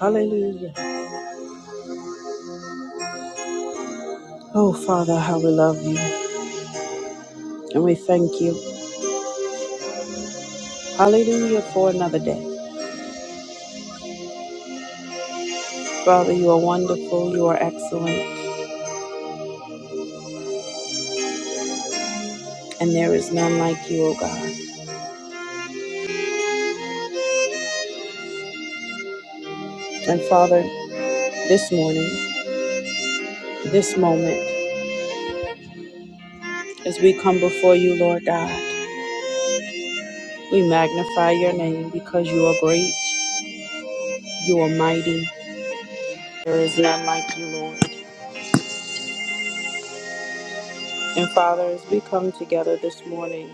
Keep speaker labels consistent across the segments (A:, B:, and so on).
A: Hallelujah. Oh, Father, how we love you and we thank you. Hallelujah for another day. Father, you are wonderful, you are excellent, and there is none like you, O God. And Father, this morning, this moment, as we come before you, Lord God, we magnify your name because you are great, you are mighty. There is none like you, Lord. And Father, as we come together this morning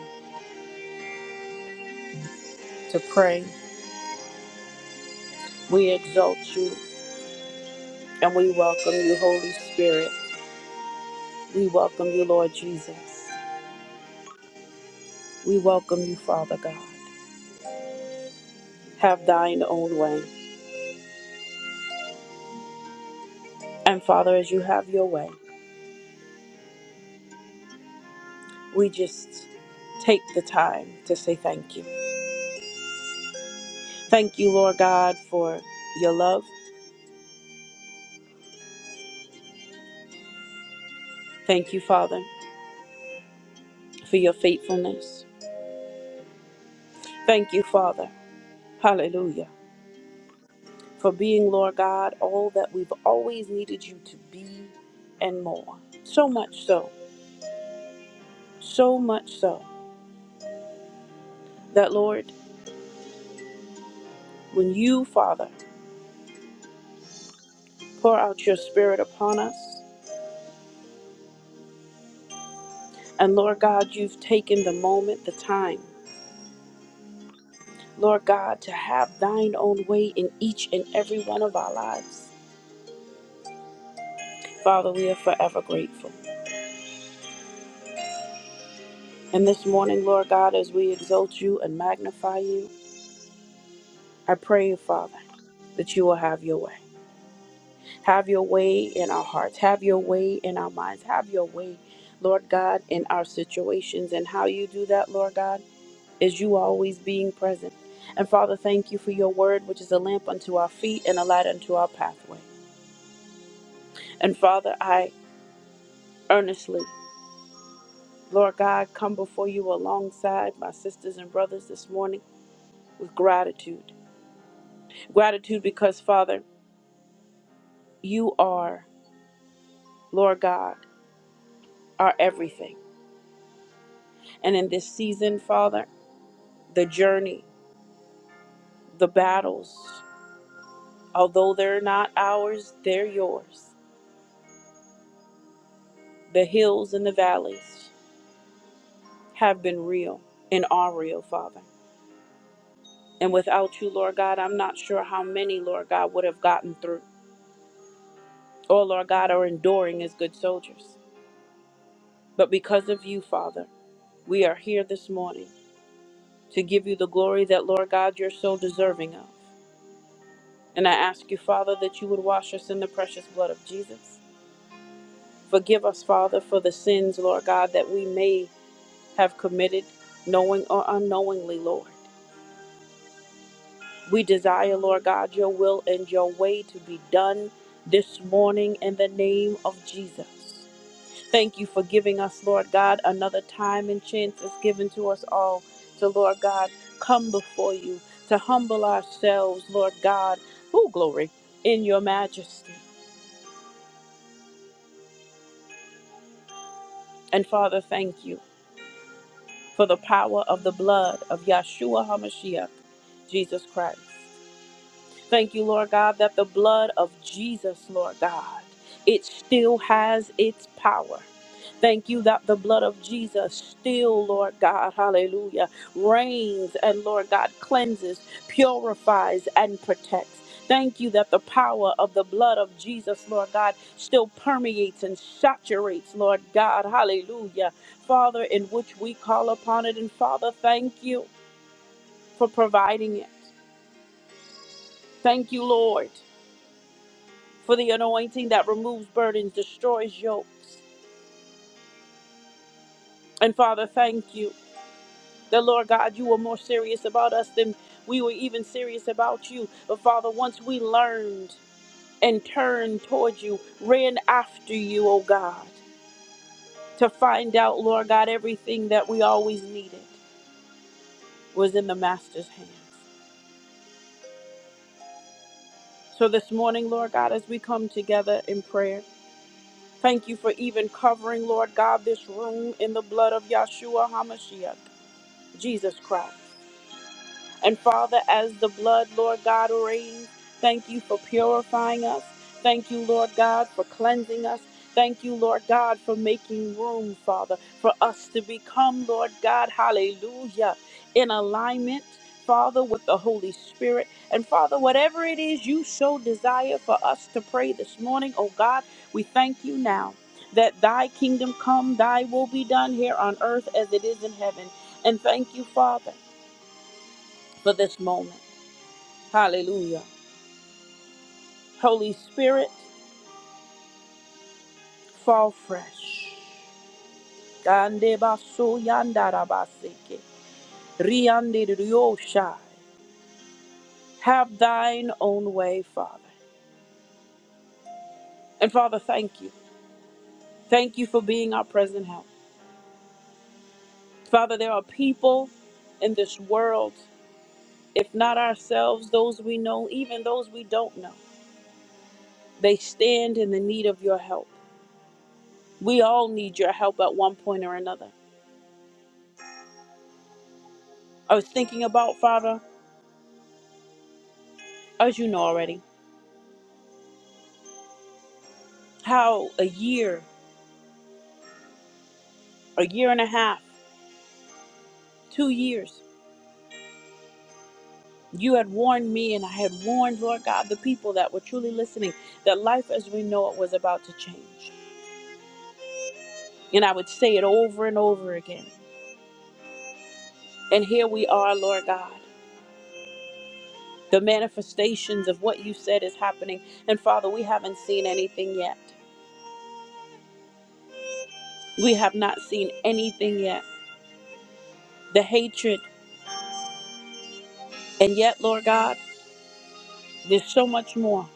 A: to pray, we exalt you and we welcome you, Holy Spirit. We welcome you, Lord Jesus. We welcome you, Father God. Have thine own way. And Father, as you have your way, we just take the time to say thank you. Thank you, Lord God, for your love. Thank you, Father, for your faithfulness. Thank you, Father. Hallelujah. For being, Lord God, all that we've always needed you to be and more. So much so, so much so, that, Lord, when you, Father, Pour out your spirit upon us. And Lord God, you've taken the moment, the time, Lord God, to have thine own way in each and every one of our lives. Father, we are forever grateful. And this morning, Lord God, as we exalt you and magnify you, I pray, Father, that you will have your way. Have your way in our hearts. Have your way in our minds. Have your way, Lord God, in our situations. And how you do that, Lord God. is you always being present. And Father, thank you for your word, which is a lamp unto our feet and a light unto our pathway. And Father, I earnestly, Lord God, come before you alongside my sisters and brothers this morning with gratitude. Gratitude because, Father, you are, Lord God, our everything. And in this season, Father, the journey, the battles, although they're not ours, they're yours. The hills and the valleys. have been real and are real, Father. And without you, Lord God, I'm not sure how many, Lord God, would have gotten through or, Lord God, are enduring as good soldiers. But because of you, Father, we are here this morning to give you the glory that, Lord God, you're so deserving of. And I ask you, Father, that you would wash us in the precious blood of Jesus. Forgive us, Father, for the sins, Lord God, that we may have committed, knowing or unknowingly, Lord. We desire, Lord God, your will and your way to be done this morning in the name of Jesus. Thank you for giving us, Lord God, another time and chance is given to us all to, Lord God, come before you, to humble ourselves, Lord God, oh glory, in your majesty. And Father, thank you for the power of the blood of Yahshua HaMashiach, Jesus Christ. Thank you, Lord God, that the blood of Jesus, Lord God, it still has its power. Thank you that the blood of Jesus still, Lord God, hallelujah, reigns and, Lord God, cleanses, purifies, and protects. Thank you that the power of the blood of Jesus, Lord God, still permeates and saturates, Lord God, hallelujah. Father, in which we call upon it. And Father, thank you for providing it. Thank you, Lord. for the anointing that removes burdens, destroys yokes. And Father, thank you. That Lord God, you were more serious about us than we were even serious about you. But Father, once we learned and turned towards you, ran after you, oh God, to find out, Lord God, everything that we always needed was in the Master's hands. So this morning, Lord God, as we come together in prayer, thank you for even covering, Lord God, this room in the blood of Yahshua HaMashiach. Jesus Christ. And Father, as the blood, Lord God, reigns, thank you for purifying us. Thank you, Lord God, for cleansing us. Thank you, Lord God, for making room, Father, for us to become, Lord God, hallelujah, in alignment, Father, with the Holy Spirit. And Father, whatever it is you so desire for us to pray this morning, oh God, we thank you now that thy kingdom come, thy will be done here on earth as it is in heaven. And thank you, Father for this moment. Hallelujah. Holy Spirit, fall fresh. Gande baso yandara Have thine own way, Father. And Father, thank you. Thank you for being our present help. Father, there are people in this world, if not ourselves, those we know, even those we don't know. They stand in the need of your help. We all need your help at one point or another. I was thinking about, Father, as you know already. how a year, a year and a half, two years, you had warned me and I had warned, Lord God, the people that were truly listening that life as we know it was about to change. And I would say it over and over again. And here we are, Lord God. The manifestations of what you said is happening. And Father, we haven't seen anything yet. We have not seen anything yet. The hatred. And yet, Lord God, there's so much more.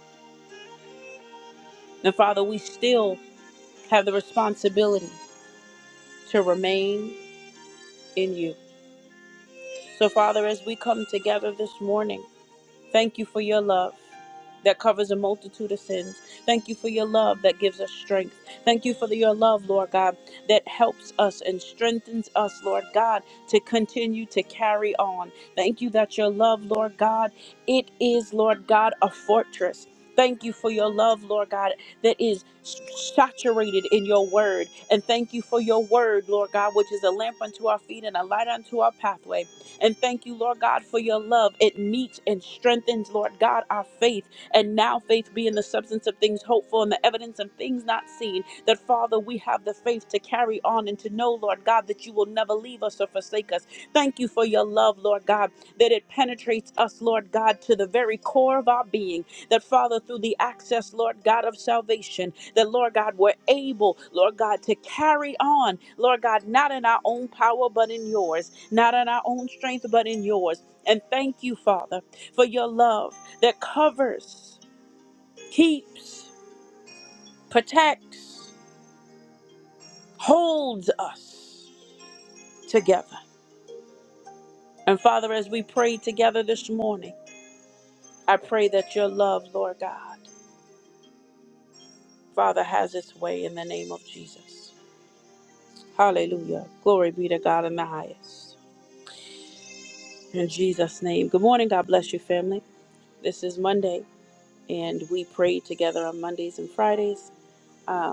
A: And Father, we still have the responsibility to remain in you. So, Father, as we come together this morning, thank you for your love that covers a multitude of sins. Thank you for your love that gives us strength. Thank you for the- your love, Lord God, that helps us and strengthens us, Lord God, to continue to carry on. Thank you that your love, Lord God, it is, Lord God, a fortress. Thank you for your love, Lord God, that is s- saturated in your word. And thank you for your word, Lord God, which is a lamp unto our feet and a light unto our pathway. And thank you, Lord God, for your love. It meets and strengthens, Lord God, our faith. And now faith being the substance of things hoped for and the evidence of things not seen, that Father, we have the faith to carry on and to know, Lord God, that you will never leave us or forsake us. Thank you for your love, Lord God, that it penetrates us, Lord God, to the very core of our being. That Father, through the access, Lord God, of salvation, that Lord God, we're able, Lord God, to carry on, Lord God, not in our own power, but in yours not in our own strength, but in yours. And thank you, Father, for your love that covers, keeps, protects, holds us together. And Father, as we pray together this morning, I pray that your love, Lord God, Father, has its way in the name of Jesus. Hallelujah. Glory be to God in the highest. In Jesus' name. Good morning. God bless you, family. This is Monday, and we pray together on Mondays and Fridays. Um,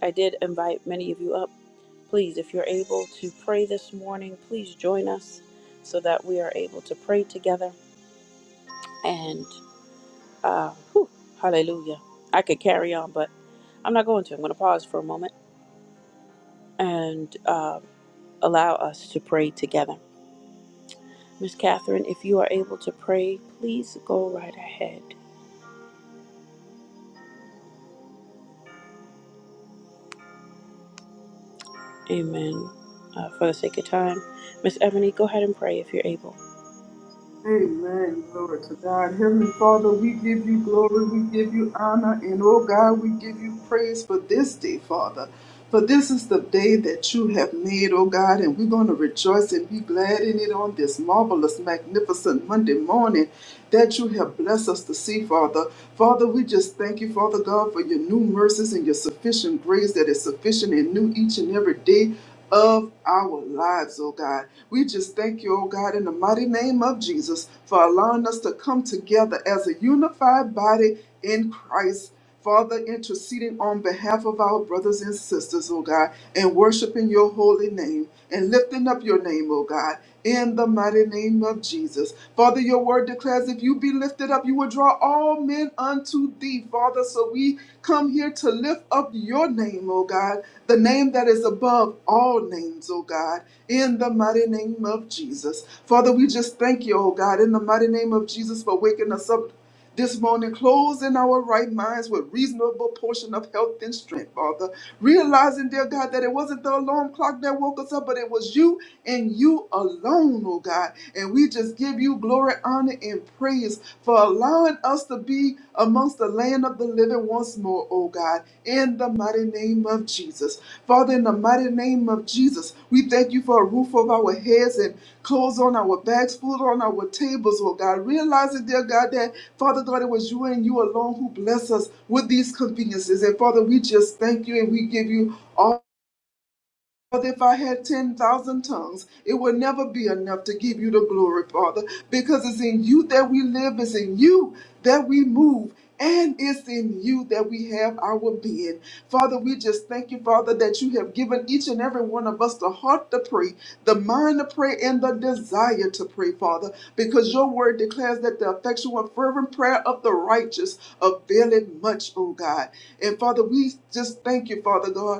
A: I did invite many of you up. Please, if you're able to pray this morning, please join us so that we are able to pray together. And uh, whew, hallelujah. I could carry on, but I'm not going to. I'm going to pause for a moment and uh, allow us to pray together. Miss Catherine, if you are able to pray, please go right ahead. Amen. Uh, for the sake of time, Miss Ebony, go ahead and pray if you're able.
B: Amen. Glory to God. Heavenly Father, we give you glory, we give you honor, and oh God, we give you praise for this day, Father. For this is the day that you have made, oh God, and we're going to rejoice and be glad in it on this marvelous, magnificent Monday morning that you have blessed us to see, Father. Father, we just thank you, Father God, for your new mercies and your sufficient grace that is sufficient and new each and every day of our lives, oh God. We just thank you, oh God, in the mighty name of Jesus for allowing us to come together as a unified body in Christ. Father, interceding on behalf of our brothers and sisters, oh God, and worshiping your holy name and lifting up your name, oh God, in the mighty name of Jesus. Father, your word declares if you be lifted up, you will draw all men unto thee, Father. Father. So we come here to lift up your name, oh God, the name that is above all names, oh God, in the mighty name of Jesus. Father, we just thank you, oh God, in the mighty name of Jesus for waking us up. This morning, closed in our right minds with reasonable portion of health and strength, Father. Realizing, dear God, that it wasn't the alarm clock that woke us up, but it was you and you alone, oh God. and. And we just give you glory, honor, and praise for allowing us to be amongst the land of the living once more, oh God, in the mighty name of Jesus. Father, in the mighty name of Jesus, we thank you for a roof over our heads and clothes on our backs, food on our tables, oh God. Realizing, dear God, that Father God, it was you and you alone who bless us with these conveniences. And Father, we just thank you and we give you. all. But if I had 10,000 tongues, it would never be enough to give you the glory, Father, because it's in you that we live, it's in you that we move, and it's in you that we have our being. Father, we just thank you, Father, that you have given each and every one of us the heart to pray, the mind to pray, and the desire to pray, Father, because your word declares that the effectual fervent prayer of the righteous availeth much, O God. And Father, we just thank you, Father God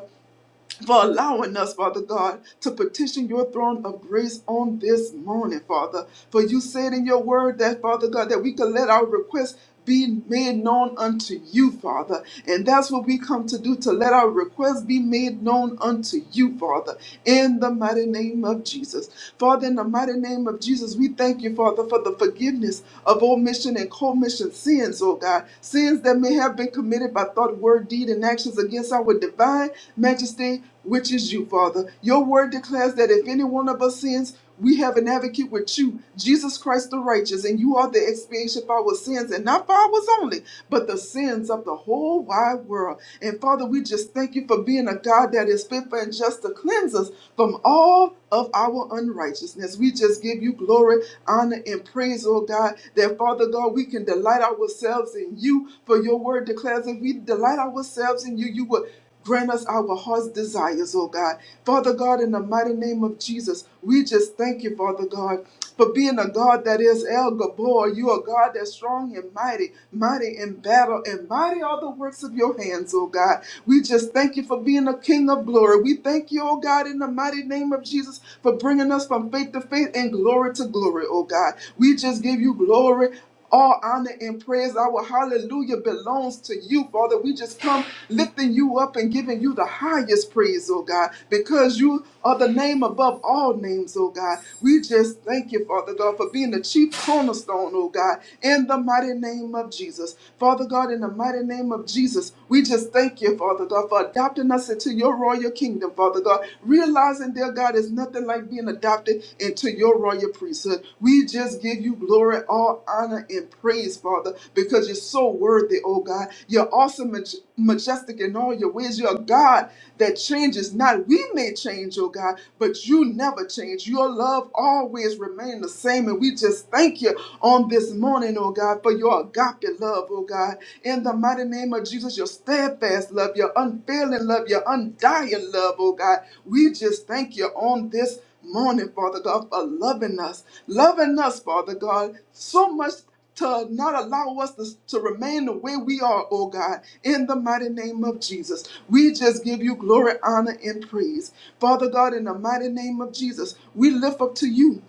B: for allowing us, Father God, to petition your throne of grace on this morning, Father. For you said in your word that, Father God, that we could let our requests be made known unto you, Father. And that's what we come to do, to let our requests be made known unto you, Father, in the mighty name of Jesus. Father, in the mighty name of Jesus, we thank you, Father, for the forgiveness of omission and commission sins, oh God, sins that may have have been committed by thought, word, deed, and actions against our divine majesty, which is you, Father. Your word declares that if any one of us sins, we have an advocate with you, Jesus Christ the righteous, and you are the expiation for our sins, and not for ours only, but the sins of the whole wide world. And Father, we just thank you for being a God that is faithful and just to cleanse us from all of our unrighteousness. We just give you glory, honor, and praise praise, oh God, that Father God, we can delight ourselves in you. For your word declares if we delight ourselves in you, you will grant us our heart's desires, oh God. Father God, in the mighty name of Jesus, we just thank you, Father God. For being a God that is El Gabor, you are God that's strong and mighty, mighty in battle, and mighty are the works of your hands, oh God. We just thank you for being a King of glory. We thank you, oh God, in the mighty name of of Jesus for bringing us from faith to faith and glory to glory, oh God. We just give you glory. All honor and praise, our hallelujah belongs to you, Father. We just come lifting you up and giving you the highest praise, oh God, because you are the name above all names, oh God. We just thank you, Father God, for being the chief cornerstone, oh God, in the mighty name of Jesus. Father God, in the mighty name of Jesus, we just thank you, Father. Father God, for adopting us into your royal kingdom, Father God. Realizing, dear God, it's nothing like being adopted into your royal priesthood. We just give you glory, all honor, and praise, Father, because you're so worthy, oh God. You're awesome, maj- majestic in all your ways. You're a God that changes not. We may change, oh God, but you never change. Your love always remains the same. And we just thank you on this morning, oh God, for your your agape love, oh God. In the mighty name of Jesus, your steadfast love, your unfailing love, your undying love, oh God. We just thank you on this morning, Father God, for loving us. Loving us, Father God, so much to not allow us to, to remain the way we are, oh God, in the mighty name of Jesus. We just give you glory, honor, and praise. Father God, in the mighty name of Jesus, we lift up to you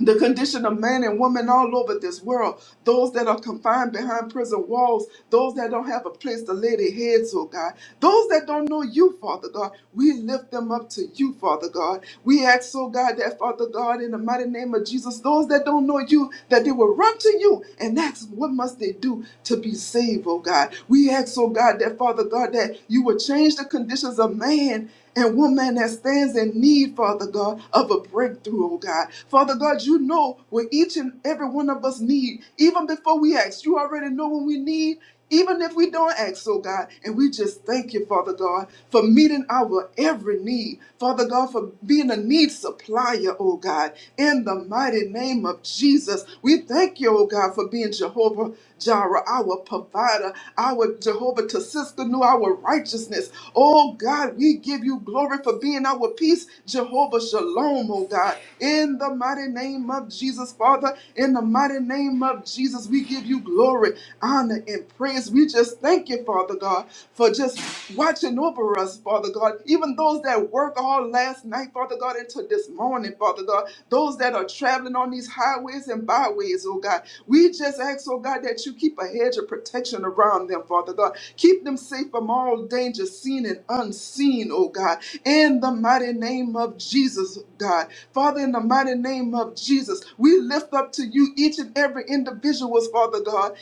B: the condition of man and woman all over this world, those that are confined behind prison walls, those that don't have a place to lay their heads, oh God, those that don't know you, Father God, we lift them up to you, Father God. We ask, oh God, that Father God, in the mighty name of Jesus, those that don't know you, that they will run to you and ask, what must they do to be saved, oh God? We ask, oh God, that Father God, that you will change the conditions of man and one man that stands in need, Father God, of a breakthrough, oh God. Father God, you know what each and every one of us need. Even before we ask, you already know what we need. Even if we don't ask, oh God, and we just thank you, Father God, for meeting our every need. Father God, for being a need supplier, oh God, in the mighty name of Jesus. We thank you, oh God, for being Jehovah Jireh, deliverer, our provider, our Jehovah to sister, knew our righteousness. Oh God, we give you glory for being our peace, Jehovah Shalom, oh God. In the mighty name of Jesus, Father, in the mighty name of Jesus, we give you glory, honor, and praise. We just thank you, Father God, for just watching over us, Father God. Even those that work all last night, Father God, into this morning, Father. Father God. Those that are traveling on these highways and byways, oh God. We just ask, oh God, that you keep a hedge of protection around them, Father God. Keep them safe from all danger, seen and unseen, oh God. In the mighty name of Jesus, God. Father, in the mighty name of Jesus, we lift up to you each and every individual's, Father God,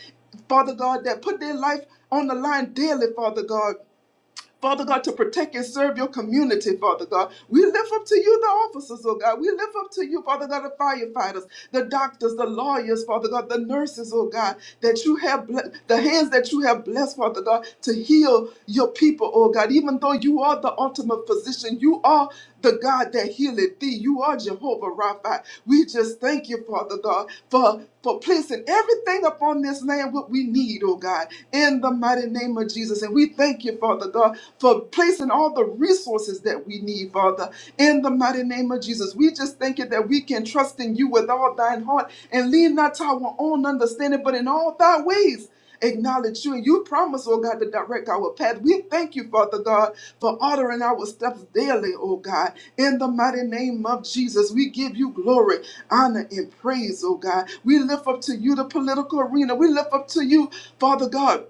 B: Father God, that put their life on the line daily, Father God. Father God, to protect and serve your community, Father God. We lift up to you the officers, oh God. We lift up to you, Father God, the firefighters, the doctors, the lawyers, Father God, the nurses, oh God, that you have, ble- the hands that you have blessed, Father God, to heal your people, oh God. Even though you are the ultimate physician, you are the God that healeth thee. You are Jehovah Rapha. We just thank you, Father God, for, for placing everything upon this land what we need, oh God, in the mighty name of Jesus. And we thank you, Father God, for placing all the resources that we need, Father, in the mighty name of Jesus. We just thank you that we can trust in you with all thine heart and lean not to our own understanding, but in all thy ways acknowledge you. And you promise, oh God, to direct our path. We thank you, Father God, for ordering our steps daily, oh God. In the mighty name of Jesus, we give you glory, honor, and praise, oh God. We lift up to you the political arena. We lift up to you, Father God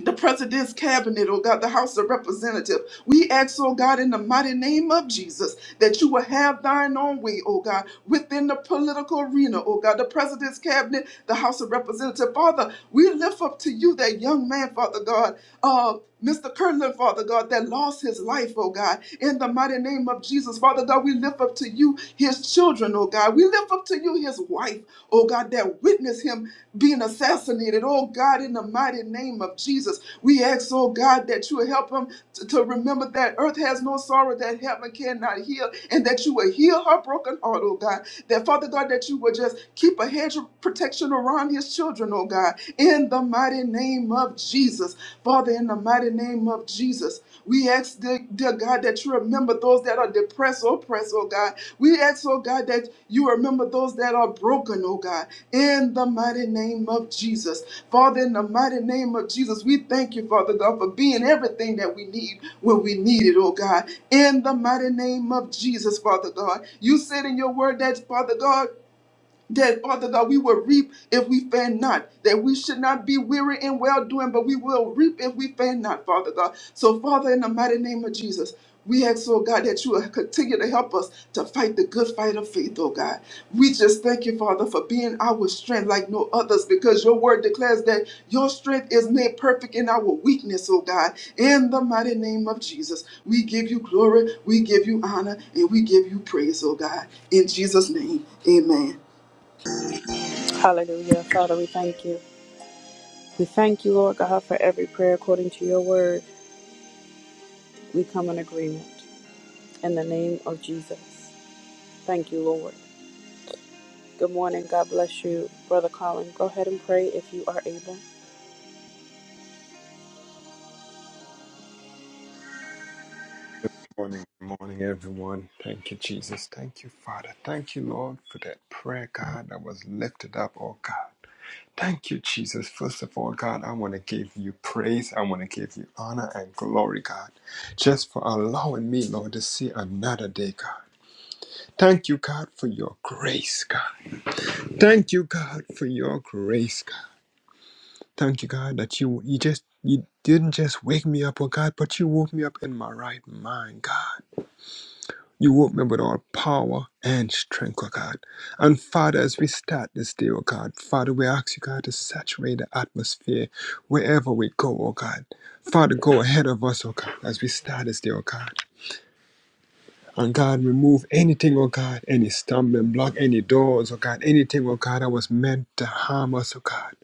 B: the president's cabinet, oh God, the House of Representatives. We ask, oh God, in the mighty name of Jesus, that you will have thine own way, oh God, within the political arena, oh God, the president's cabinet, the House of Representatives. Father, we lift up to you that young man, Father God, uh, Mr. Kirtland, Father God, that lost his life, oh God, in the mighty name of Jesus. Father God, we lift up to you his children, oh God. We lift up to you his wife, oh God, that witnessed him being assassinated. Oh God, in the mighty name of Jesus, we ask, oh God, that you will help him to, to remember that earth has no sorrow that heaven cannot heal, and that you will heal her broken heart, oh God. That Father God, that you will just keep a hedge of protection around his children, oh God, in the mighty name of Jesus. Father, in the mighty name of Jesus, we ask, dear, dear God, that you remember those that are depressed oppressed, oppressed, oh God. We ask, oh God, that you remember those that are broken, oh God, in the mighty name of Jesus. Father, in the mighty name of Jesus, we thank you, Father God, for being everything that we need when we need it, oh God. In the mighty name of Jesus, Father God. You said in your word that, Father God, that Father God, we will reap if we faint not, that we should not be weary in well doing, but we will reap if we faint not, Father God. So, Father, in the mighty name of Jesus, we ask, oh God, that you will continue to help us to fight the good fight of faith, oh God. We just thank you, Father, for being our strength like no others, because your word declares that your strength is made perfect in our weakness, oh God. In the mighty name of Jesus, we give you glory, we give you honor, and we give you praise, oh God. In Jesus' name, amen.
A: Hallelujah. Father, we thank you. We thank you, Lord God, for every prayer according to your word. We come in agreement in the name of Jesus. Thank you, Lord. Good morning. God bless you, Brother Colin. Go ahead and pray if you are able.
C: Morning, good morning, everyone. Thank you, Jesus. Thank you, Father. Thank you, Lord, for that prayer, God, that was lifted up, oh God. Thank you, Jesus. First of all, God, I want to give you praise. I want to give you honor and glory, God, just for allowing me, Lord, to see another day, God. Thank you, God, for your grace, God. Thank you, God, for your grace, God. Thank you, God, that you you just you didn't just wake me up, oh God, but you woke me up in my right mind, God. You woke me with all power and strength, oh God. And Father, as we start this day, oh God, Father, we ask you, God, to saturate the atmosphere wherever we go, oh God. Father, go ahead of us, oh God, as we start this day, oh God. And God, remove anything, oh God, any stumbling block, any doors, oh God, anything, oh God, that was meant to harm us, oh God.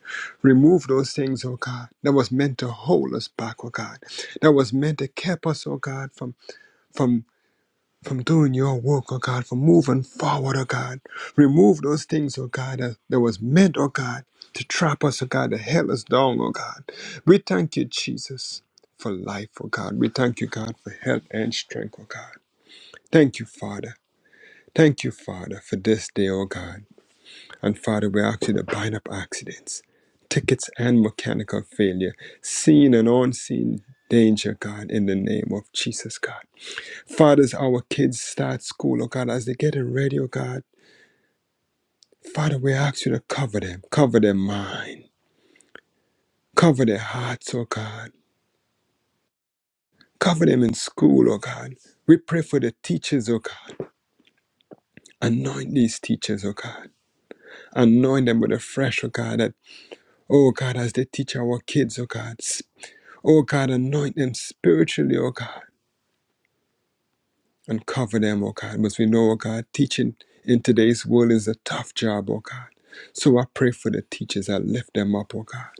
C: Remove those things, oh God, that was meant to hold us back, oh God, that was meant to keep us, oh God, from from from doing your work, oh God, from moving forward, oh God. Remove those things, oh God, that, that was meant, oh God, to trap us, oh God, to hell us down, oh God. We thank you, Jesus, for life, oh God. We thank you, God, for health and strength, oh God. Thank you, Father. Thank you, Father, for this day, oh God. And Father, we ask you to bind up accidents, tickets, and mechanical failure, seen and unseen danger, God, in the name of Jesus, God. Father, as our kids start school, oh God, as they get ready, oh God, Father, we ask you to cover them, cover their mind, cover their hearts, oh God, cover them in school, oh God. We pray for the teachers, oh God. Anoint these teachers, oh God. Anoint them with a fresh, oh God, that, oh God, as they teach our kids, oh God. s- Oh God, anoint them spiritually, oh God. and cover them, oh God. Because we know, oh God, teaching in today's world is a tough job, oh God. So I pray for the teachers. I lift them up, oh God.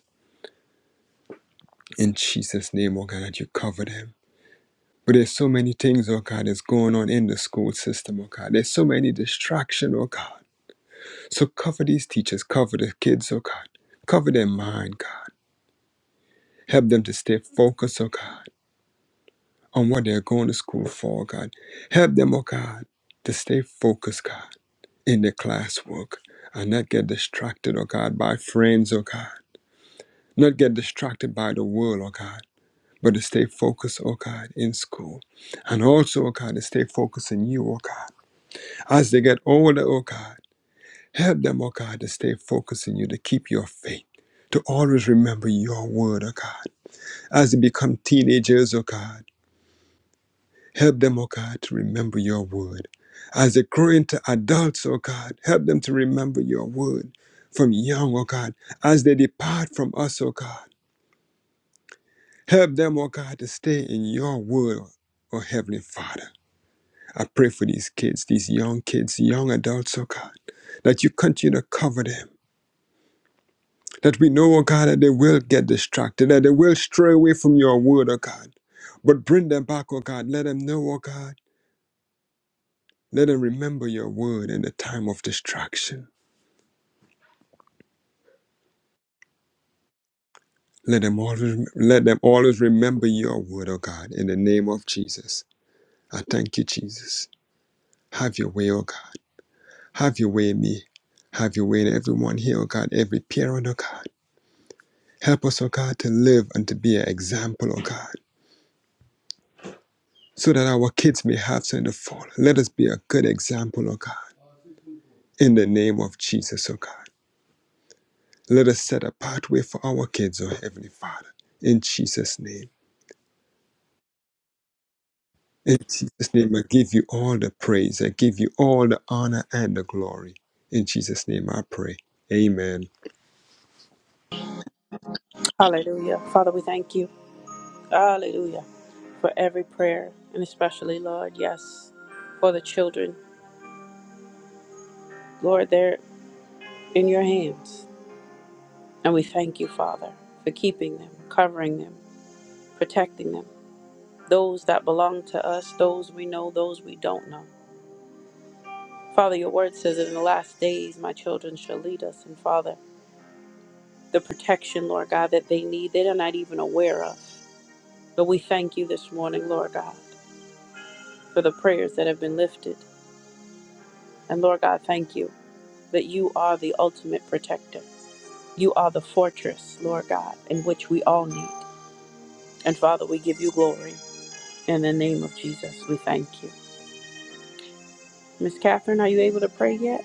C: In Jesus' name, oh God, that you cover them. But there's so many things, oh God, that's going on in the school system, oh God. There's so many distraction, oh God. So cover these teachers, cover the kids, oh God. Cover their mind, God. Help them to stay focused, oh God, on what they're going to school for, oh God. Help them, oh God, to stay focused, God. in the classwork and not get distracted, oh God, by friends, oh God. Not get distracted by the world, oh God, but to stay focused, oh God, in school. And also, oh God, to stay focused in you, oh God. As they get older, oh God, help them, oh God, to stay focused in you, to keep your faith, to always remember your word, oh God. As they become teenagers, oh God. Help them, O God, to remember your word. As they grow into adults, O God, help them to remember your word from young, O God, as they depart from us, O God. Help them, O God, to stay in your word, O Heavenly Father. I pray for these kids, these young kids, young adults, O God, that you continue to cover them. That we know, O God, that they will get distracted, that they will stray away from your word, O God. But bring them back, O God. Let them know, O God. Let them remember your word in the time of distraction. Let them always let them always remember your word, oh God, in the name of Jesus. I thank you, Jesus. Have your way, oh God. Have your way in me. Have your way in everyone here, oh God, every parent, oh God. Help us, oh God, to live and to be an example, oh God, so that our kids may have something to follow. Let us be a good example, oh God, in the name of Jesus, oh God. Let us set a pathway for our kids, oh Heavenly Father, in Jesus' name. In Jesus' name, I give you all the praise. I give you all the honor and the glory. In Jesus' name, I pray. Amen.
A: Hallelujah. Father, we thank you. Hallelujah. For every prayer, and especially, Lord, yes, for the children. Lord, they're in your hands. And we thank you, Father, for keeping them, covering them, protecting them. Those that belong to us, those we know, those we don't know. Father, your word says that in the last days, my children shall lead us. And Father, the protection, Lord God, that they need, they are not even aware of. But we thank you this morning, Lord God, for the prayers that have been lifted. And Lord God, thank you that you are the ultimate protector. You are the fortress, Lord God, in which we all need. And Father, we give you glory. In the name of Jesus, we thank you. Miss Catherine, are you able to pray yet?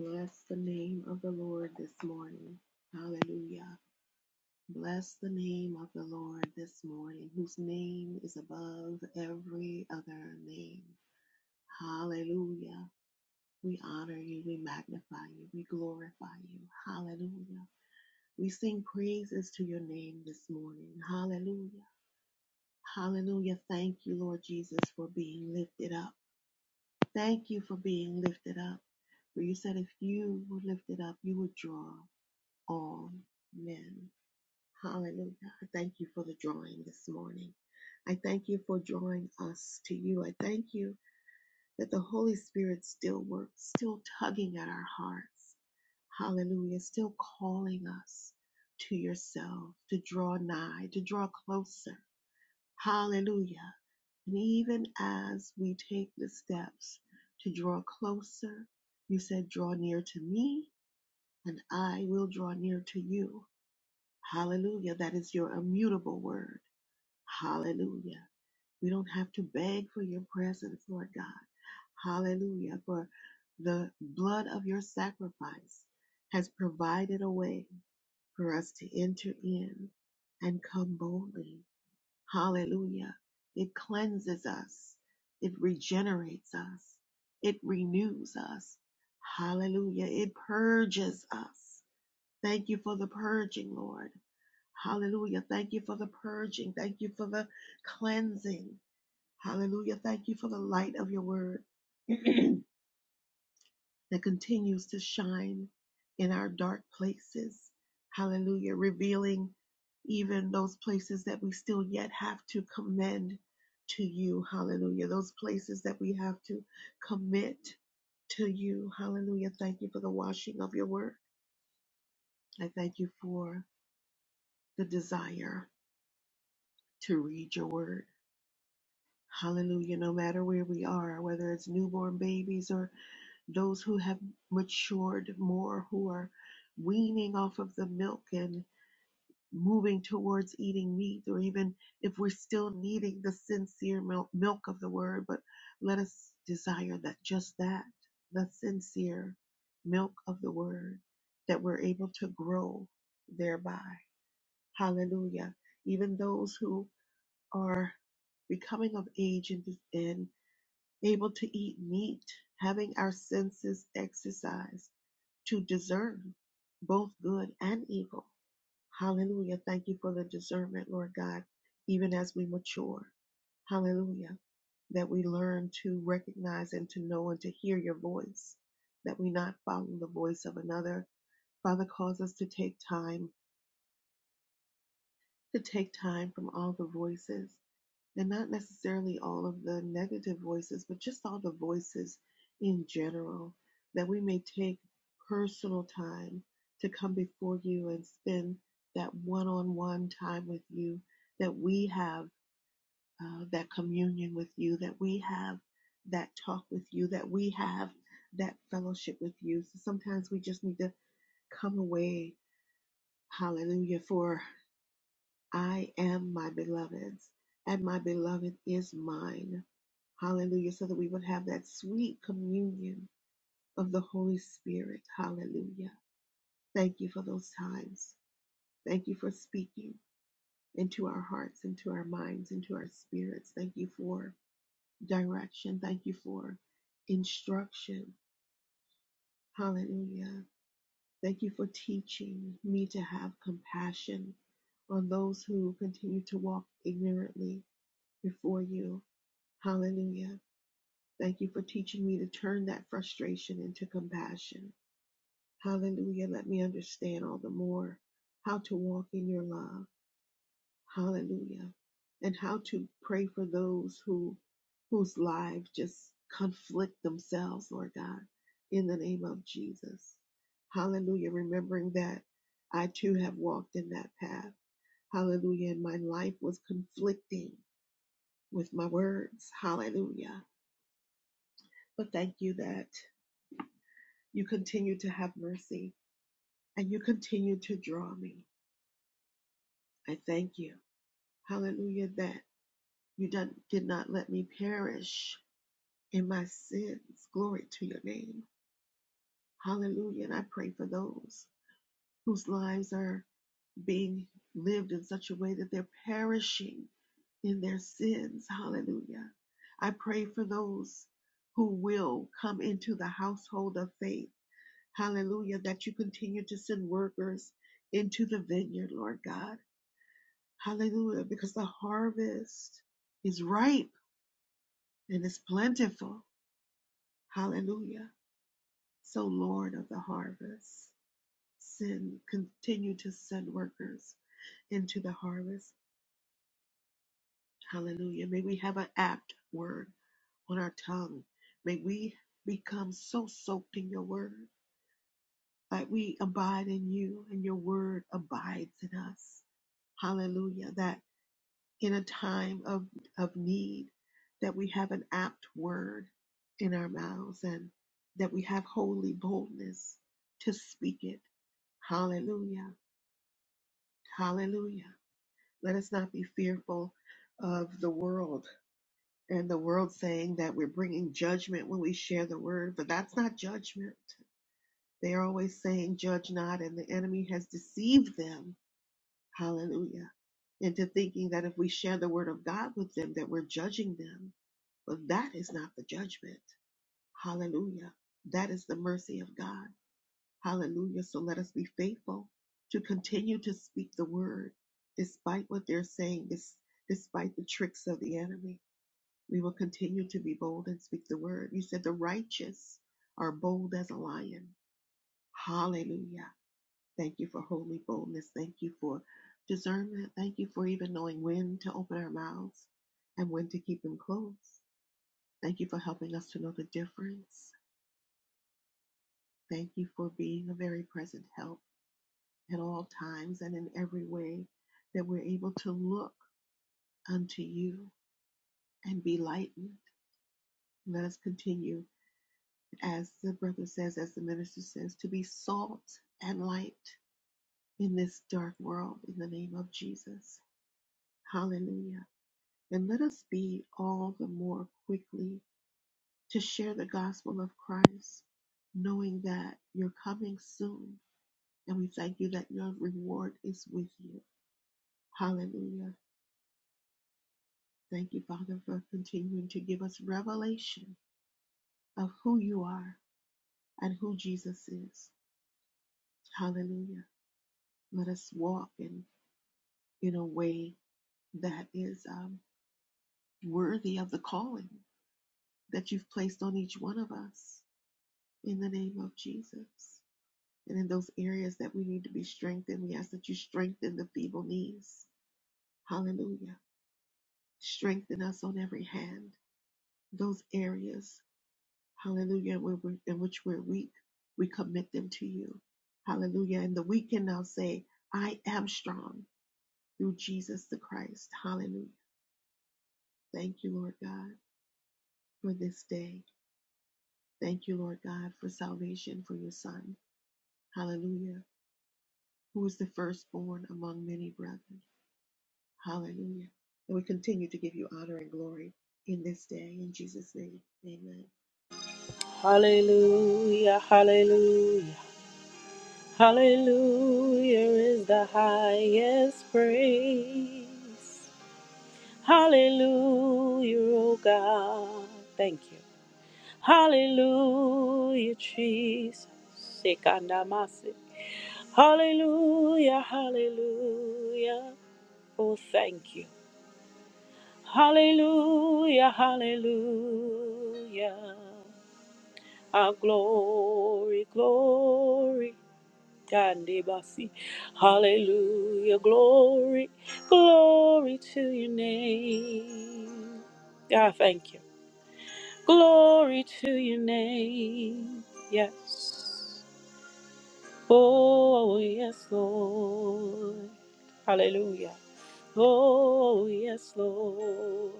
D: Bless the name of the Lord this morning. Hallelujah. Bless the name of the Lord this morning, whose name is above every other name. Hallelujah. We honor you, we magnify you, we glorify you. Hallelujah. We sing praises to your name this morning. Hallelujah. Hallelujah. Thank you, Lord Jesus, for being lifted up. Thank you for being lifted up. For you said if you were lifted up, you would draw. Amen. Hallelujah. I thank you for the drawing this morning. I thank you for drawing us to you. I thank you that the Holy Spirit still works, still tugging at our hearts. Hallelujah. Still calling us to yourself, to draw nigh, to draw closer. Hallelujah. And even as we take the steps to draw closer, you said, draw near to me and I will draw near to you. Hallelujah. That is your immutable word. Hallelujah. We don't have to beg for your presence, Lord God. Hallelujah. For the blood of your sacrifice has provided a way for us to enter in and come boldly. Hallelujah. It cleanses us. It regenerates us. It renews us. Hallelujah. It purges us. Thank you for the purging, Lord. Hallelujah. Thank you for the purging. Thank you for the cleansing. Hallelujah. Thank you for the light of your word that continues to shine in our dark places. Hallelujah. Revealing even those places that we still yet have to commend to you. Hallelujah. Those places that we have to commit to you. Hallelujah. Thank you for the washing of your word. I thank you for the desire to read your word. Hallelujah. No matter where we are, whether it's newborn babies or those who have matured more, who are weaning off of the milk and moving towards eating meat, or even if we're still needing the sincere milk, milk of the word, but let us desire that just that, the sincere milk of the word, that we're able to grow thereby. Hallelujah. Even those who are becoming of age and, and able to eat meat, having our senses exercised to discern both good and evil. Hallelujah. Thank you for the discernment, Lord God, even as we mature. Hallelujah. That we learn to recognize and to know and to hear your voice, that we not follow the voice of another. Father, cause us to take time, to take time from all the voices and not necessarily all of the negative voices, but just all the voices in general, that we may take personal time to come before you and spend that one on one time with you, that we have uh, that communion with you, that we have that talk with you, that we have that fellowship with you. So sometimes we just need to come away, hallelujah, for I am my beloved's, and my beloved is mine. Hallelujah. So that we would have that sweet communion of the Holy Spirit. Hallelujah. Thank you for those times. Thank you for speaking into our hearts, into our minds, into our spirits. Thank you for direction. Thank you for instruction. Hallelujah. Thank you for teaching me to have compassion on those who continue to walk ignorantly before you. Hallelujah. Thank you for teaching me to turn that frustration into compassion. Hallelujah. Let me understand all the more how to walk in your love. Hallelujah. And how to pray for those who whose lives just conflict themselves, Lord God, in the name of Jesus. Hallelujah. Remembering that I too have walked in that path. Hallelujah. And my life was conflicting with my words. Hallelujah. But thank you that You continue to have mercy and you continue to draw me. I thank you. Hallelujah that you did not let me perish in my sins. Glory to your name. Hallelujah. And I pray for those whose lives are being lived in such a way that they're perishing in their sins. Hallelujah. I pray for those who will come into the household of faith Hallelujah. That you continue to send workers into the vineyard, Lord God. Hallelujah. Because the harvest is ripe and is plentiful. Hallelujah. So, Lord of the harvest, send, continue to send workers into the harvest. Hallelujah. May we have an apt word on our tongue. May we become so soaked in your word that we abide in you and your word abides in us. Hallelujah. That. in a time of, of need, that we have an apt word in our mouths and that we have holy boldness to speak it. Hallelujah. Hallelujah. Let us not be fearful of the world and the world saying that we're bringing judgment when we share the word, but that's not judgment. They're always saying, Judge not, and the enemy has deceived them. Hallelujah. Into thinking that if we share the word of God with them, that we're judging them But that is not the judgment. Hallelujah. That is the mercy of God. Hallelujah. So let us be faithful to continue to speak the word despite what they're saying, des- despite the tricks of the enemy. We will continue to be bold and speak the word. You said the righteous are bold as a lion. Hallelujah. Thank you for holy boldness. Thank you for discernment. Thank you for even knowing when to open our mouths and when to keep them closed. Thank you for helping us to know the difference. Thank you for being a very present help at all times and in every way that we're able to look unto you and be lightened. Let us continue, as the brother says, as the minister says, to be salt and light in this dark world in the name of Jesus. Hallelujah. And let us be all the more quickly to share the gospel of Christ, knowing that you're coming soon And we thank you that your reward is with you. Hallelujah. Thank you, Father, for continuing to give us revelation of who you are and who Jesus is. Hallelujah. Let us walk in, in a way that is um, worthy of the calling that you've placed on each one of us in the name of Jesus. And in those areas that we need to be strengthened, we ask that you strengthen the feeble knees. Hallelujah. Strengthen us on every hand those areas Hallelujah. And we're- In which we're weak, we commit them to you. Hallelujah. And the weak can now say, I am strong through Jesus the Christ. Hallelujah. Thank you, Lord God, for this day. Thank you, Lord God, for salvation for your son. Hallelujah. Who is the firstborn among many brethren. Hallelujah. And we continue to give you honor and glory in this day. In Jesus' name, amen.
A: Hallelujah, hallelujah, hallelujah is the highest praise. Hallelujah, oh God. Thank you. Hallelujah, Jesus. Sekandamasi. Hallelujah, hallelujah. Oh, thank you. Hallelujah, hallelujah. Our glory, glory. Kandibasi. Hallelujah, glory, glory to your name. God, thank you. Glory to your name. Yes. Oh, yes, Lord. Hallelujah. Oh, yes, Lord.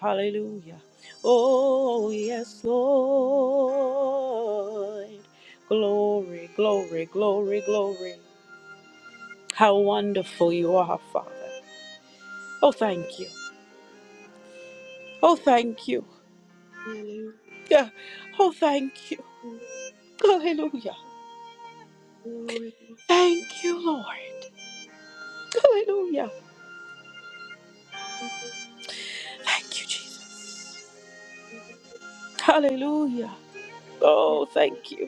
A: Hallelujah. Oh, yes, Lord. Glory, glory, glory, glory. How wonderful you are, Father. Oh, thank you. Oh, thank you.
D: Hallelujah.
A: Yeah. Oh, thank you. Hallelujah.
D: Glory,
A: Thank
D: glory,
A: you, Lord. Hallelujah. Thank you, Jesus. Hallelujah.
D: glory.
A: Oh, thank you.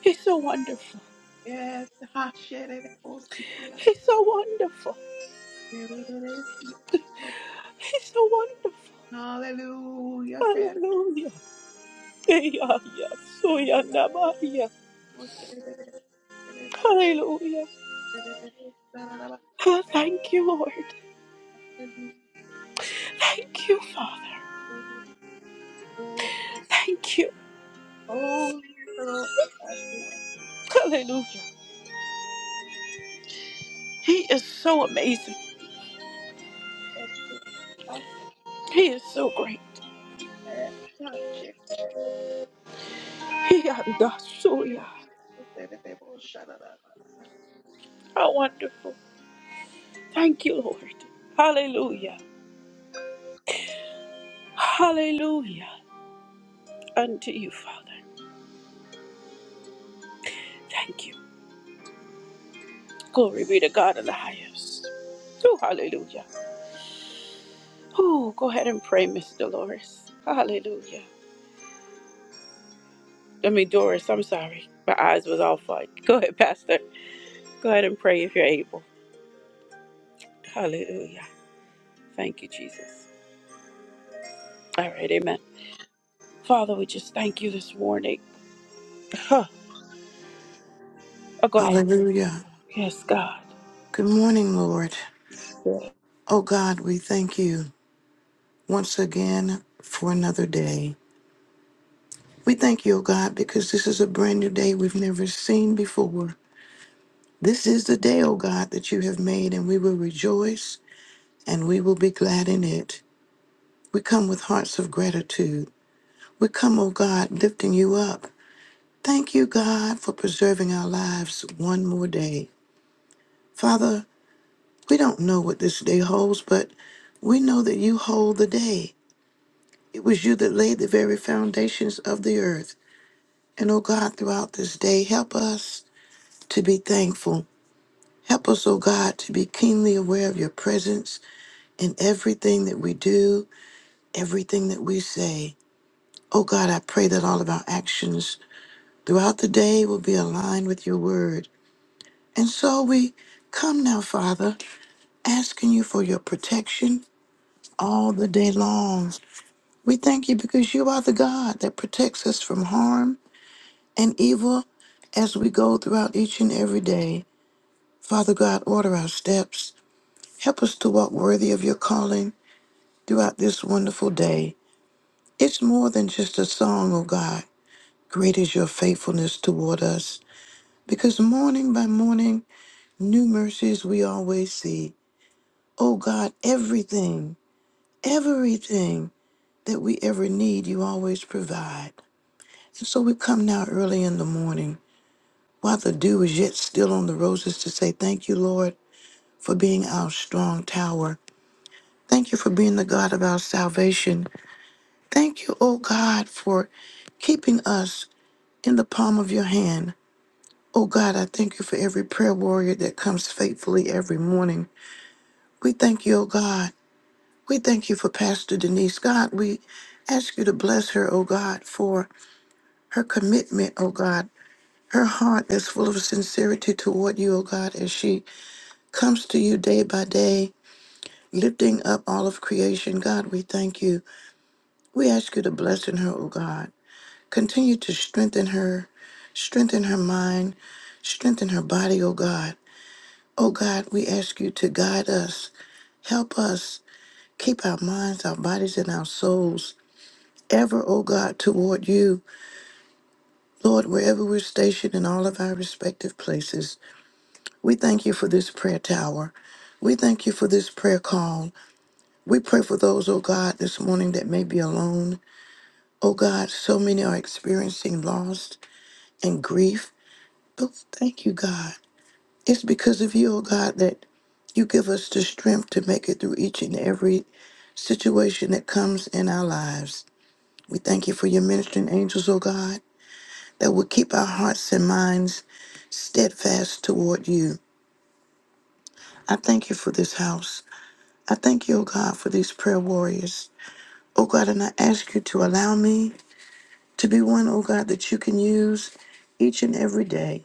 A: He's so wonderful.
D: Yes. Hallelujah.
A: He's so wonderful. He's so wonderful. Hallelujah. Hey, Yeah, yeah. So, yeah, nah, Maria. Hallelujah. Oh, thank you, Lord. Thank you, Father. Thank you.
D: Holy is the Lord.
A: Hallelujah. He is so amazing. He is so great. He and so yeah. How wonderful. Thank you, Lord. Hallelujah. Hallelujah. Unto you, Father. Thank you. Glory be to God in the highest. Oh, hallelujah. Oh, go ahead and pray, Miss Dolores. Hallelujah. I mean, Doris, I'm sorry. My eyes was all fun. Go ahead, Pastor. Go ahead and pray if you're able. Hallelujah. Thank you, Jesus. All right, amen. Father, we just thank you this morning. Huh. Oh, go ahead.
E: Hallelujah.
A: Yes, God.
E: Good morning, Lord. Oh God, we thank you once again for another day. We thank you, oh God, because this is a brand new day we've never seen before. This is the day, oh God, that you have made, and we will rejoice and we will be glad in it. We come with hearts of gratitude. We come, oh God, lifting you up. Thank you, God, for preserving our lives one more day. Father, we don't know what this day holds, but we know that you hold the day. It was you that laid the very foundations of the earth. And oh God, throughout this day, help us to be thankful. Help us, oh God, to be keenly aware of your presence in everything that we do, everything that we say. Oh God, I pray that all of our actions throughout the day will be aligned with your word. And so we come now, Father, asking you for your protection all the day long. We thank you because you are the God that protects us from harm and evil as we go throughout each and every day. Father God, order our steps. Help us to walk worthy of your calling throughout this wonderful day. It's more than just a song, oh God. Great is your faithfulness toward us, because morning by morning, new mercies we always see. Oh God, everything, everything that we ever need, you always provide. And so we come now early in the morning while the dew is yet still on the roses to say, Thank you, Lord. for being our strong tower. Thank you for being the God of our salvation. Thank you, O God, for keeping us in the palm of your hand. O God, I thank you for every prayer warrior that comes faithfully every morning. We thank you, O God. We thank you for Pastor Denise. God, we ask you to bless her, O God, for her commitment, O God, her heart that's full of sincerity toward you, O God, as she comes to you day by day, lifting up all of creation. God, we thank you. We ask you to bless in her, O God. Continue to strengthen her, strengthen her mind, strengthen her body, O God. O God, we ask you to guide us, help us, keep our minds, our bodies, and our souls ever, O God, toward you. Lord, wherever we're stationed in all of our respective places, we thank you for this prayer tower. We thank you for this prayer call. We pray for those, oh God, this morning that may be alone. Oh God, so many are experiencing loss and grief. Oh, thank you, God. It's because of you, oh God, that you give us the strength to make it through each and every situation that comes in our lives. We thank you for your ministering angels, oh God, that will keep our hearts and minds steadfast toward you. I thank you for this house. I thank you, oh God, for these prayer warriors. Oh God, and I ask you to allow me to be one, oh God, that you can use each and every day.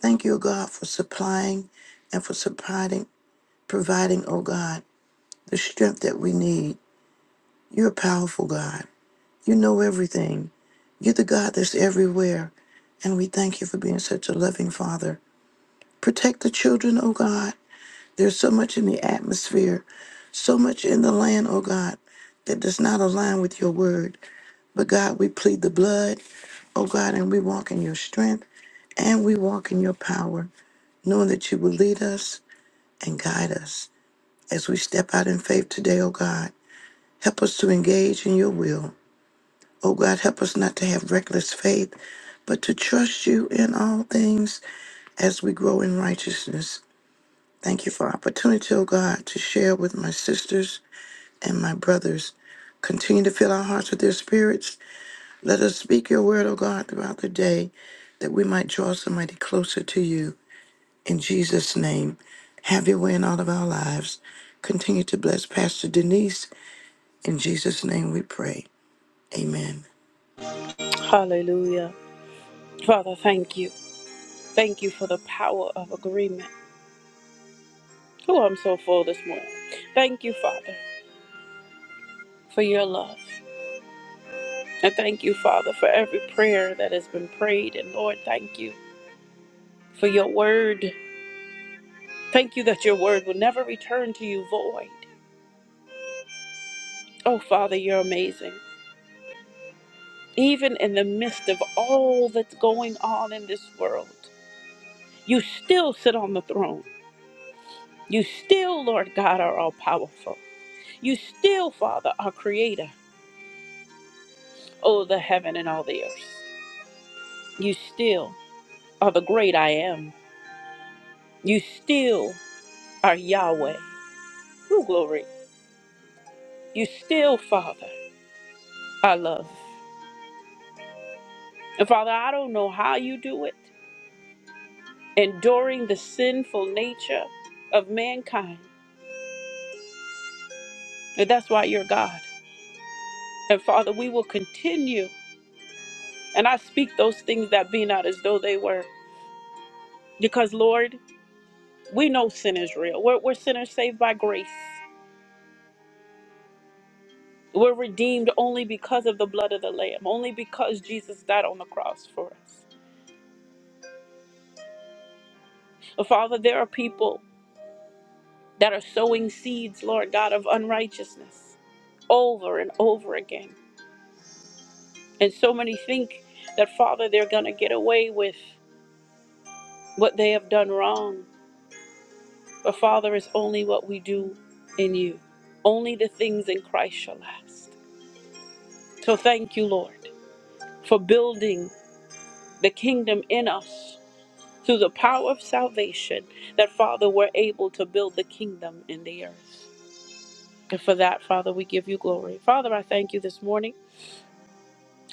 E: Thank you, oh God, for supplying and for supplying providing, oh God, the strength that we need. You're a powerful God. You know everything. You're the God that's everywhere. And we thank you for being such a loving Father. Protect the children, oh God. There's so much in the atmosphere, so much in the land, oh God, that does not align with your word. But God, we plead the blood, oh God, and we walk in your strength and we walk in your power, knowing that you will lead us and guide us as we step out in faith today, oh God. Help us to engage in your will. Oh God, help us not to have reckless faith, but to trust you in all things as we grow in righteousness. Thank you for opportunity, oh God, to share with my sisters and my brothers. Continue to fill our hearts with their spirits. Let us speak your word, O God, throughout the day that we might draw somebody closer to you. In Jesus' name, have your way in all of our lives. Continue to bless Pastor Denise. In Jesus' name we pray. Amen.
A: Hallelujah. Father, thank you. Thank you for the power of agreement. Oh, I'm so full this morning. Thank you, Father, for your love. And thank you, Father, for every prayer that has been prayed. And Lord, thank you. for your word. Thank you that your word will never return to you void. Oh, Father, you're amazing. Even in the midst of all that's going on in this world, you still sit on the throne. You still, Lord God, are all powerful. You still, Father, are creator. Oh, the heaven and all the earth. You still are the great I am. You still are Yahweh. Oh, glory. You still, Father, are love. And Father, I don't know how you do it. enduring the sinful nature of mankind. And that's why you're God. And Father, we will continue. And I speak those things that be not as though they were. Because, Lord, we know sin is real. We're, we're sinners saved by grace. We're redeemed only because of the blood of the Lamb, only because Jesus died on the cross for us. But Father, there are people that are sowing seeds, Lord God, of unrighteousness over and over again. And so many think that, Father, they're going to get away with what they have done wrong. But, Father, it's only what we do in you. Only the things in Christ shall last. So, thank you, Lord, for building the kingdom in us through the power of salvation, that, Father, we're able to build the kingdom in the earth. And for that, Father, we give you glory. Father, I thank you this morning.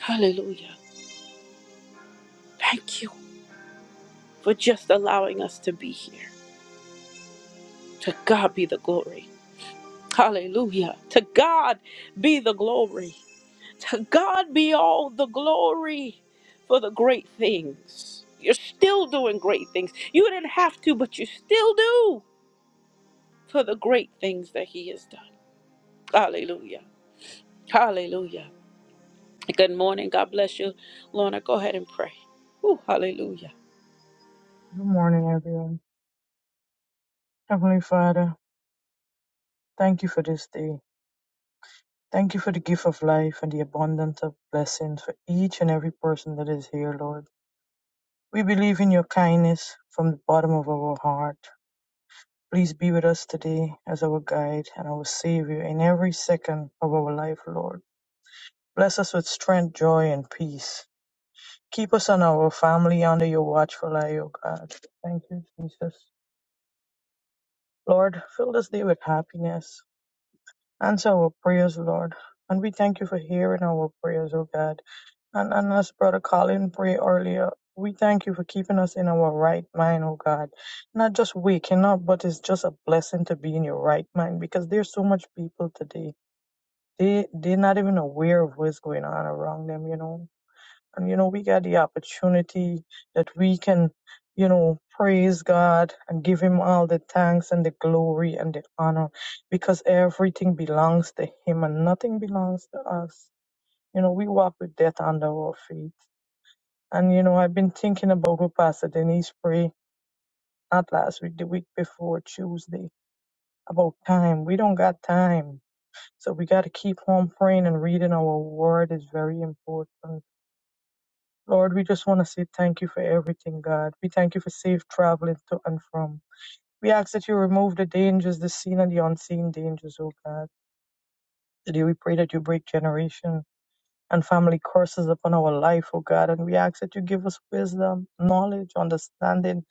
A: Hallelujah. Thank you for just allowing us to be here. To God be the glory. Hallelujah. To God be the glory. To God be all the glory for the great things. You're still doing great things. You didn't have to, but you still do for the great things that He has done. Hallelujah. Hallelujah. Good morning. God bless you. Lorna, go ahead and pray. Ooh, hallelujah.
F: Good morning, everyone. Heavenly Father, thank you for this day. Thank you for the gift of life and the abundance of blessings for each and every person that is here, Lord. We believe in your kindness from the bottom of our heart. Please be with us today as our guide and our Savior in every second of our life, Lord. Bless us with strength, joy, and peace. Keep us and our family under your watchful eye, O God. Thank you, Jesus. Lord, fill this day with happiness Answer our prayers, Lord. And we thank you for hearing our prayers, oh God. And, and as Brother Colin prayed earlier, we thank you for keeping us in our right mind, oh God. Not just waking up, but it's just a blessing to be in your right mind because there's so much people today. They they're not even aware of what's going on around them, you know and you know we get the opportunity that we can you know praise god and give him all the thanks and the glory and the honor because everything belongs to him and nothing belongs to us you know we walk with death under our feet and you know i've been thinking about what pastor denise prayed not last week the week before tuesday about time we don't got time so we got to keep on praying and reading our word is very important Lord, we just want to say thank you for everything, God. We thank you for safe traveling to and from. We ask that you remove the dangers, the seen and the unseen dangers, oh God. Today we pray that you break generation and family curses upon our life, oh God. And we ask that you give us wisdom, knowledge, understanding,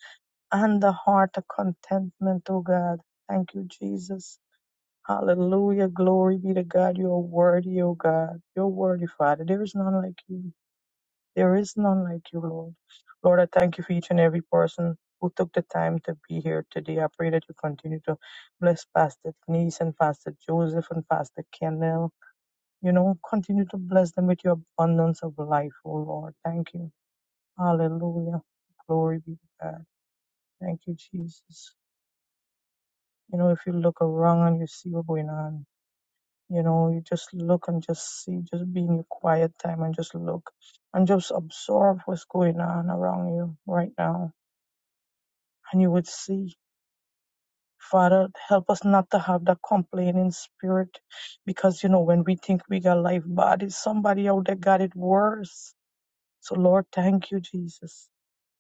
F: and the heart of contentment, oh God. Thank you, Jesus. Hallelujah. Glory be to God. You are worthy, oh God. You're worthy, Father. There is none like you. There is none like you, Lord. Lord, I thank you for each and every person who took the time to be here today. I pray that you continue to bless Pastor Denise and Pastor Joseph and Pastor Kendall. You know, continue to bless them with your abundance of life, oh Lord. Thank you. Hallelujah. Glory be to God. Thank you, Jesus. You know, if you look around and you see what's going on, you know, you just look and just see, just be in your quiet time and just look and just absorb what's going on around you right now and you would see. Father, help us not to have that complaining spirit because, you know, when we think we got life bad, it's somebody out there got it worse. So, Lord, thank you, Jesus.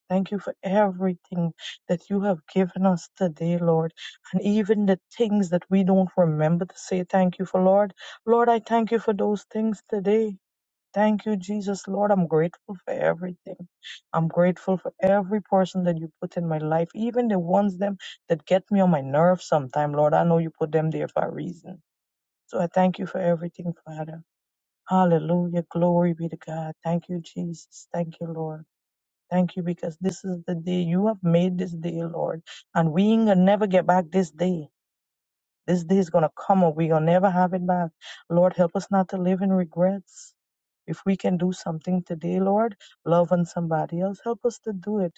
F: Thank you for everything that you have given us today, Lord. And even the things that we don't remember to say thank you for, Lord. Lord, I thank you for those things today. Thank you, Jesus. Lord, I'm grateful for everything. I'm grateful for every person that you put in my life, even the ones them that get me on my nerves sometime. Lord, I know you put them there for a reason. So I thank you for everything, Father. Hallelujah. Glory be to God. Thank you, Jesus. Thank you, Lord. Thank you because this is the day you have made this day, Lord. And we ain't gonna never get back this day. This day is going to come and we're going to never have it back. Lord, help us not to live in regrets. If we can do something today, Lord, love on somebody else, help us to do it.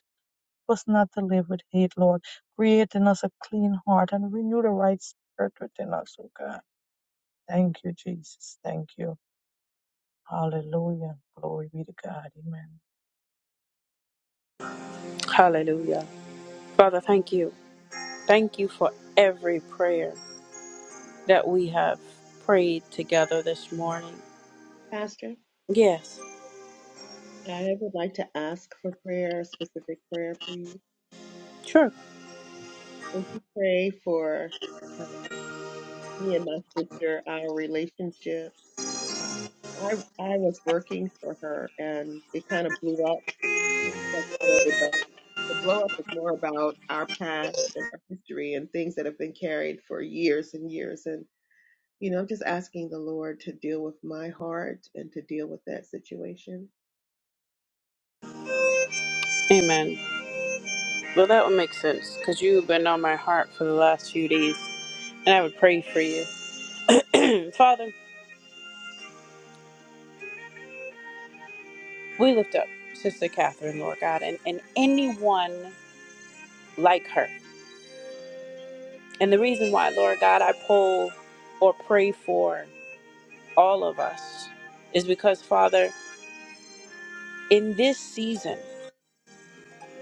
F: Help us not to live with hate, Lord. Create in us a clean heart and renew the right spirit within us, oh God. Thank you, Jesus. Thank you. Hallelujah. Glory be to God. Amen.
A: Hallelujah. Father, thank you. Thank you for every prayer that we have prayed together this morning.
D: Pastor,
A: Yes.
D: I would like to ask for prayer, a specific prayer, please.
A: Sure.
D: Would you pray for me and my sister our relationship um, i i was working for her and it kind of blew up like I say, but the blow up is more about our past and our history and things that have been carried for years and years and you know i'm just asking the lord to deal with my heart and to deal with that situation
A: Amen. Well, that would make sense because you've been on my heart for the last few days, and I would pray for you. Father, we lift up Sister Catherine, Lord God, and, and anyone like her. And the reason why, Lord God, I pull or pray for all of us is because, Father, in this season,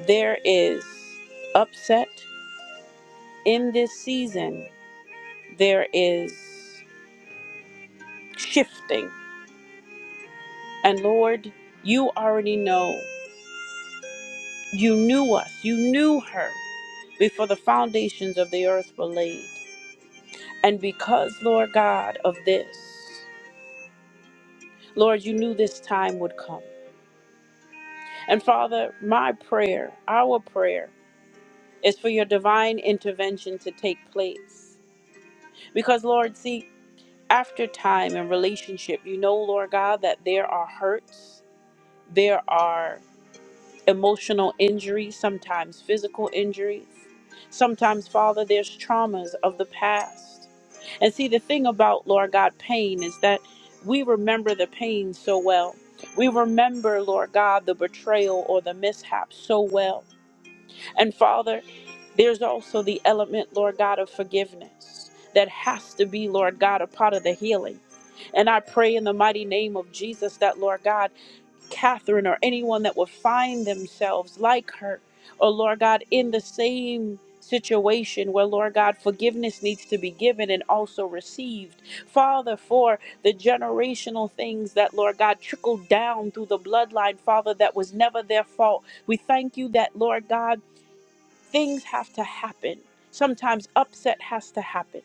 A: there is upset. In this season, there is shifting. And Lord, you already know. You knew us. You knew her before the foundations of the earth were laid. And because, Lord God, of this, Lord, you knew this time would come. And Father, my prayer, our prayer, is for your divine intervention to take place. Because, Lord, see, after time and relationship, you know, Lord God, that there are hurts, there are emotional injuries, sometimes physical injuries. Sometimes, Father, there's traumas of the past. And see, the thing about, Lord God, pain is that we remember the pain so well. We remember, Lord God, the betrayal or the mishap so well. And Father, there's also the element, Lord God, of forgiveness that has to be, Lord God, a part of the healing. And I pray in the mighty name of Jesus that, Lord God, Catherine or anyone that will find themselves like her, or Lord God, in the same situation where, Lord God, forgiveness needs to be given and also received. Father, for the generational things that, Lord God, trickled down through the bloodline, Father, that was never their fault. We thank you that, Lord God, things have to happen. Sometimes upset has to happen,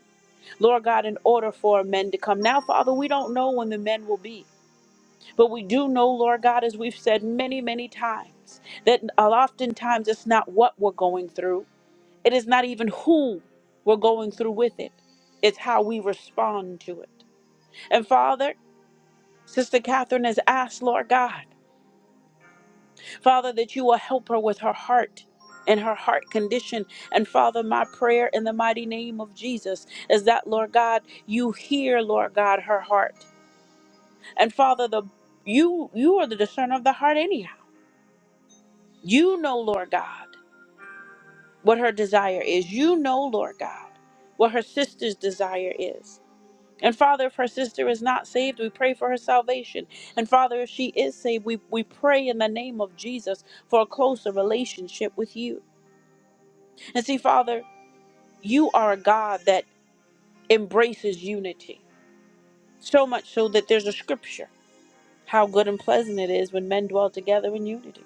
A: Lord God, in order for men to come. Now, Father, we don't know when the men will be. But we do know, Lord God, as we've said many, many times, that oftentimes it's not what we're going through, it is not even who we're going through with it, it's how we respond to it. And Father, Sister Catherine has asked, Lord God, Father, that you will help her with her heart and her heart condition. And Father, my prayer in the mighty name of Jesus is that, Lord God, you hear, Lord God, her heart. And Father, the you you are the discerner of the heart anyhow. You know, Lord God, what her desire is. You know, Lord God, what her sister's desire is. And Father, if her sister is not saved, we pray for her salvation. And Father, if she is saved, we, we pray in the name of Jesus for a closer relationship with you. And see, Father, you are a God that embraces unity, so much so that there's a scripture how good and pleasant it is when men dwell together in unity.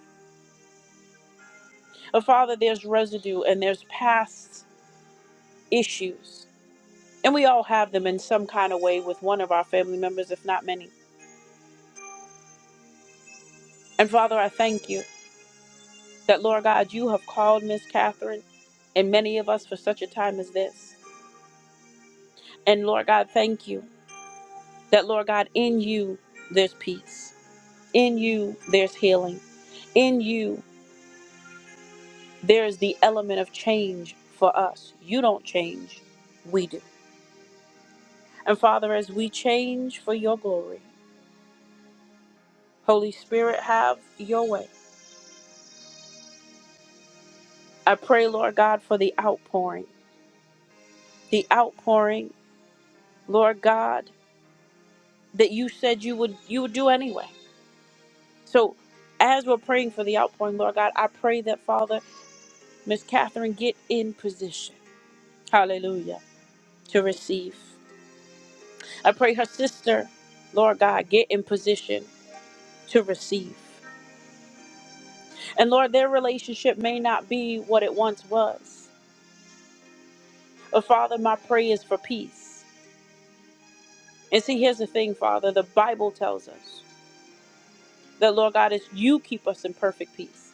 A: But Father, there's residue and there's past issues And we all have them in some kind of way with one of our family members, if not many. And Father, I thank you that, Lord God, you have called Miss Catherine and many of us for such a time as this. And Lord God, thank you that, Lord God, in you there's peace, in you there's healing, in you there's the element of change for us. You don't change, we do. And Father, as we change for your glory, Holy Spirit, have your way. I pray, Lord God, for the outpouring. the outpouring, Lord God, that you said you would you would do anyway. So as we're praying for the outpouring, Lord God, I pray that Father, Miss Catherine, get in position. Hallelujah. To receive. I pray her sister, Lord God, get in position to receive. And Lord, their relationship may not be what it once was. But Father, my prayer is for peace. And see, here's the thing, Father, the Bible tells us that Lord God is you keep us in perfect peace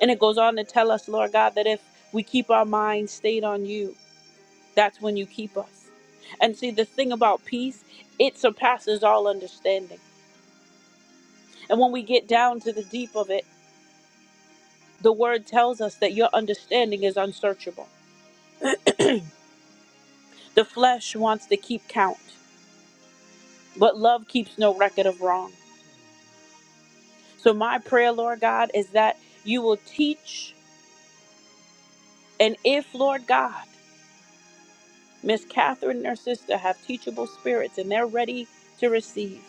A: And it goes on to tell us, Lord God, that if we keep our minds stayed on you, that's when you keep us. And see, the thing about peace, it surpasses all understanding. And when we get down to the deep of it, the word tells us that your understanding is unsearchable. The flesh wants to keep count, but love keeps no record of wrong. So, my prayer, Lord God, is that you will teach, and if, Lord God, Miss Catherine and her sister have teachable spirits and they're ready to receive.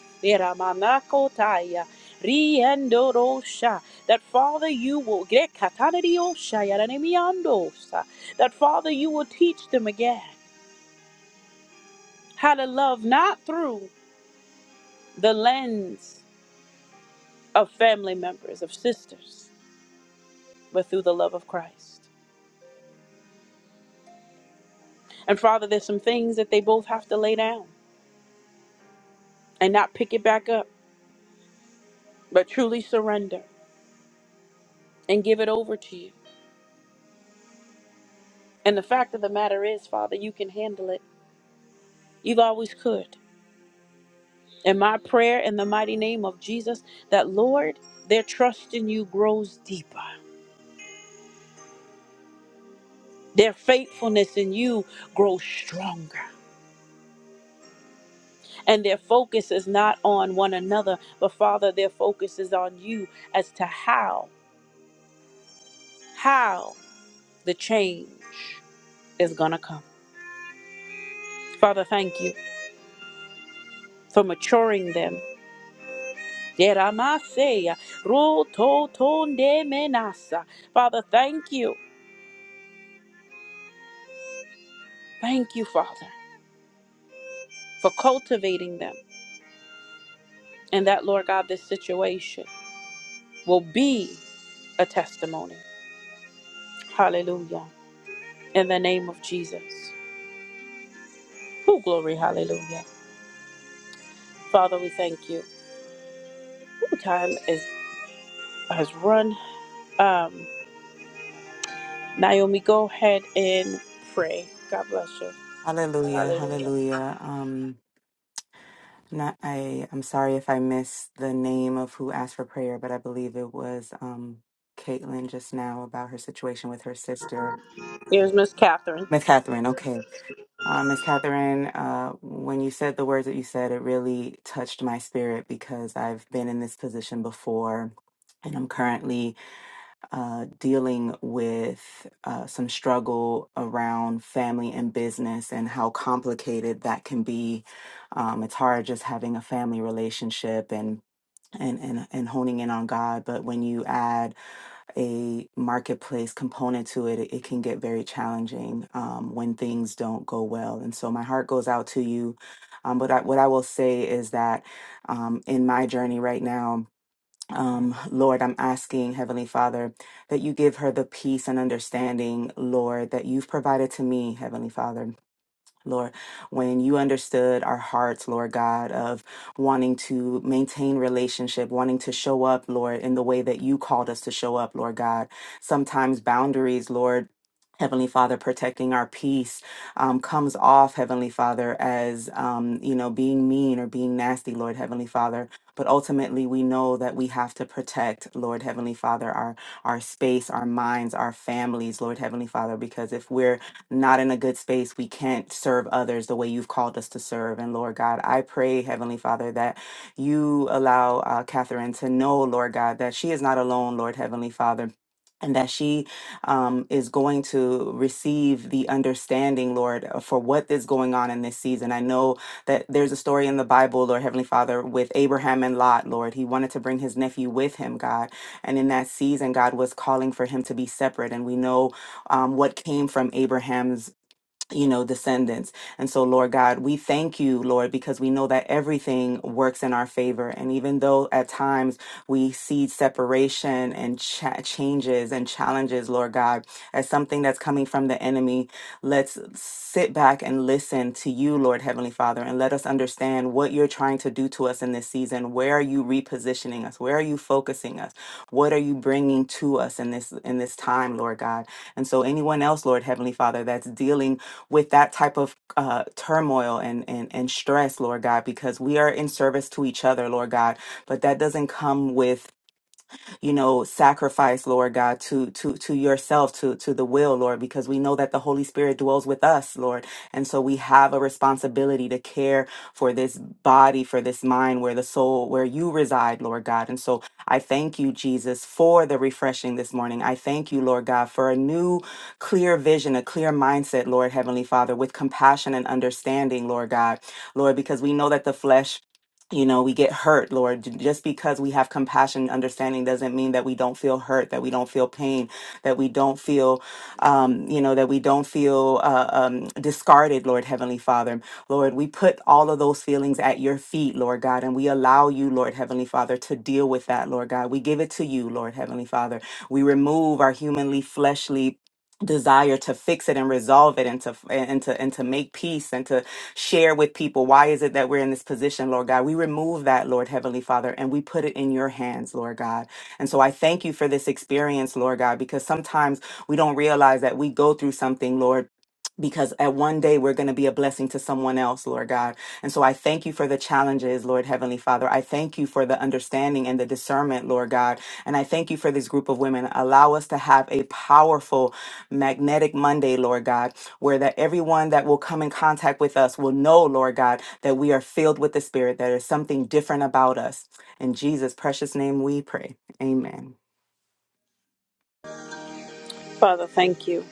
A: That Father, you will get that Father, you will teach them again how to love not through the lens of family members, of sisters, but through the love of Christ. And Father, there's some things that they both have to lay down and not pick it back up, but truly surrender and give it over to you. And the fact of the matter is, Father, you can handle it. You've always could. And my prayer in the mighty name of Jesus that, Lord, their trust in you grows deeper. Their faithfulness in you grows stronger. And their focus is not on one another, but Father, their focus is on you as to how, how the change is going to come. Father, thank you for maturing them Deramaseya, Menasa, Father, thank you. Thank you, Father, for cultivating them. And that, Lord God, this situation will be a testimony. Hallelujah. In the name of Jesus. Oh, glory, hallelujah. Father, we thank you. Ooh, time is has run. Um, Naomi, go ahead and pray. God bless you.
G: Hallelujah,
A: Hallelujah.
G: hallelujah. Um, not I. I'm sorry if I missed the name of who asked for prayer, but I believe it was um Caitlin just now about her situation with her sister,
A: Here's Miss Catherine.
G: Miss Catherine. Okay, uh, Miss Catherine, uh, when you said the words that you said, it really touched my spirit because I've been in this position before, and I'm currently uh, dealing with uh, some struggle around family and business and how complicated that can be. Um, it's hard just having a family relationship and and, and and honing in on God, but when you add a marketplace component to it, it, it can get very challenging um, when things don't go well. And so my heart goes out to you. Um, but I, what I will say is that um, in my journey right now, um, Lord, I'm asking, Heavenly Father, that you give her the peace and understanding, Lord, that you've provided to me, Heavenly Father. Lord, when you understood our hearts, Lord God, of wanting to maintain relationship, wanting to show up, Lord, in the way that you called us to show up, Lord God. Sometimes boundaries, Lord. Heavenly Father, protecting our peace um, comes off, Heavenly Father, as, um, you know, being mean or being nasty, Lord Heavenly Father. But ultimately, we know that we have to protect, Lord Heavenly Father, our, our space, our minds, our families, Lord Heavenly Father, because if we're not in a good space, we can't serve others the way you've called us to serve. And Lord God, I pray, Heavenly Father, that you allow uh, Catherine to know, Lord God, that she is not alone, Lord Heavenly Father. And that she um, is going to receive the understanding, Lord, uh, for what is going on in this season. I know that there's a story in the Bible, Lord Heavenly Father, with Abraham and Lot, Lord. He wanted to bring his nephew with him, God. And in that season, God was calling for him to be separate. And we know um, what came from Abraham's you know, descendants. And so, Lord God, we thank you, Lord, because we know that everything works in our favor. And even though at times we see separation and cha- changes and challenges, Lord God, as something that's coming from the enemy, let's sit back and listen to you, Lord Heavenly Father, and let us understand what you're trying to do to us in this season. Where are you repositioning us? Where are you focusing us? What are you bringing to us in this in this time, Lord God? And so anyone else, Lord Heavenly Father, that's dealing with that type of uh, turmoil and, and, and stress, Lord God, because we are in service to each other, Lord God, but that doesn't come with you know, sacrifice, Lord God, to to to yourself, to to the will, Lord, because we know that the Holy Spirit dwells with us, Lord. And so we have a responsibility to care for this body, for this mind, where the soul, where you reside, Lord God. And so I thank you, Jesus, for the refreshing this morning. I thank you, Lord God, for a new, clear vision, a clear mindset, Lord Heavenly Father, with compassion and understanding, Lord God. Lord, because we know that the flesh you know, we get hurt, Lord. J- Just because we have compassion and understanding doesn't mean that we don't feel hurt, that we don't feel pain, that we don't feel, um, you know, that we don't feel uh, um, discarded, Lord Heavenly Father. Lord, we put all of those feelings at your feet, Lord God, and we allow you, Lord Heavenly Father, to deal with that, Lord God. We give it to you, Lord Heavenly Father. We remove our humanly, fleshly, desire to fix it and resolve it and to and to and to make peace and to share with people why is it that we're in this position, Lord God. We remove that, Lord Heavenly Father, and we put it in your hands, Lord God. And so I thank you for this experience, Lord God, because sometimes we don't realize that we go through something, Lord, because at one day we're going to be a blessing to someone else, Lord God. And so I thank you for the challenges, Lord Heavenly Father. I thank you for the understanding and the discernment, Lord God. And I thank you for this group of women. Allow us to have a powerful, magnetic Monday, Lord God, where that everyone that will come in contact with us will know, Lord God, that we are filled with the Spirit, that there's something different about us. In Jesus' precious name we pray. Amen.
A: Father, thank you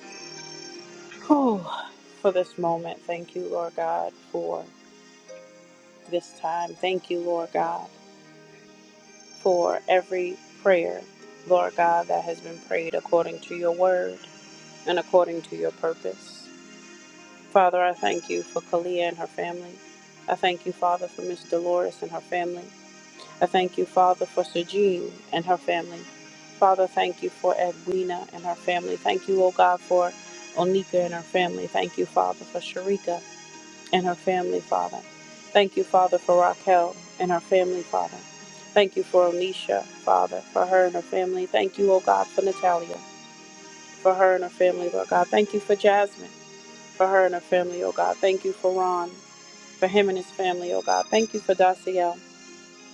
A: whew, for this moment. Thank you, Lord God, for this time. Thank you, Lord God, for every prayer, Lord God, that has been prayed according to your word and according to your purpose. Father, I thank you for Kalia and her family. I thank you, Father, for Miss Dolores and her family. I thank you, Father, for Sajid and her family. Father, thank you for Edwina and her family. Thank you, O God, for Onika and her family. Thank you, Father, for Sharika and her family, Father. Thank you, Father, for Raquel and her family, Father. Thank you for Onisha, Father, for her and her family. Thank you, O God, for Natalia, for her and her family, Lord God. Thank you for Jasmine for her and her family, oh God. Thank you for Ron, for him and his family, oh God. Thank you for Daciel,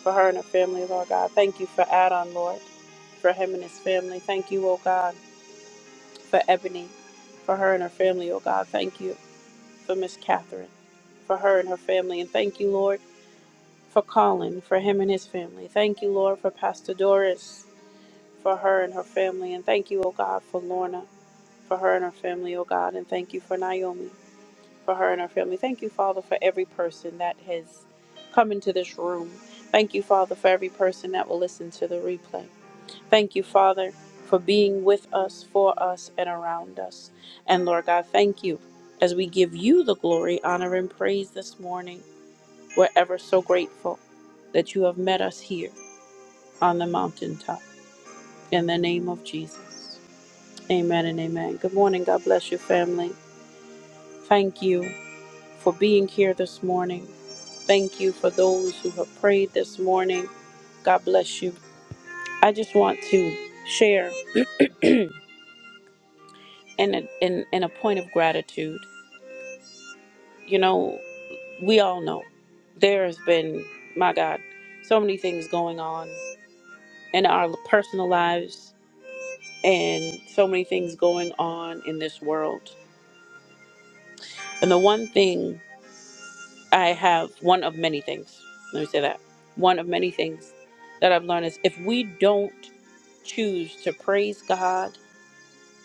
A: for her and her family, Lord God. Thank you for Adon, Lord, for him and his family. Thank you, oh God, for Ebony, for her and her family, oh God. Thank you for Miss Catherine, for her and her family. And thank you, Lord, for Colin, for him and his family. Thank you, Lord, for Pastor Doris, for her and her family. And thank you, oh God, for Lorna, for her and her family, oh God. And thank you for Naomi. for her and her family. Thank you, Father, for every person that has come into this room. Thank you, Father, for every person that will listen to the replay. Thank you, Father, for being with us, for us, and around us. And Lord God, thank you as we give you the glory, honor, and praise this morning. We're ever so grateful that you have met us here on the mountaintop. In the name of Jesus. Amen and amen. Good morning. God bless your family. Thank you. for being here this morning. Thank you for those who have prayed this morning. God bless you. I just want to share in a, in, in a point of gratitude. You know, we all know there has been, my God, so many things going on in our personal lives and so many things going on in this world. And the one thing I have, one of many things, let me say that, one of many things that I've learned is if we don't choose to praise God,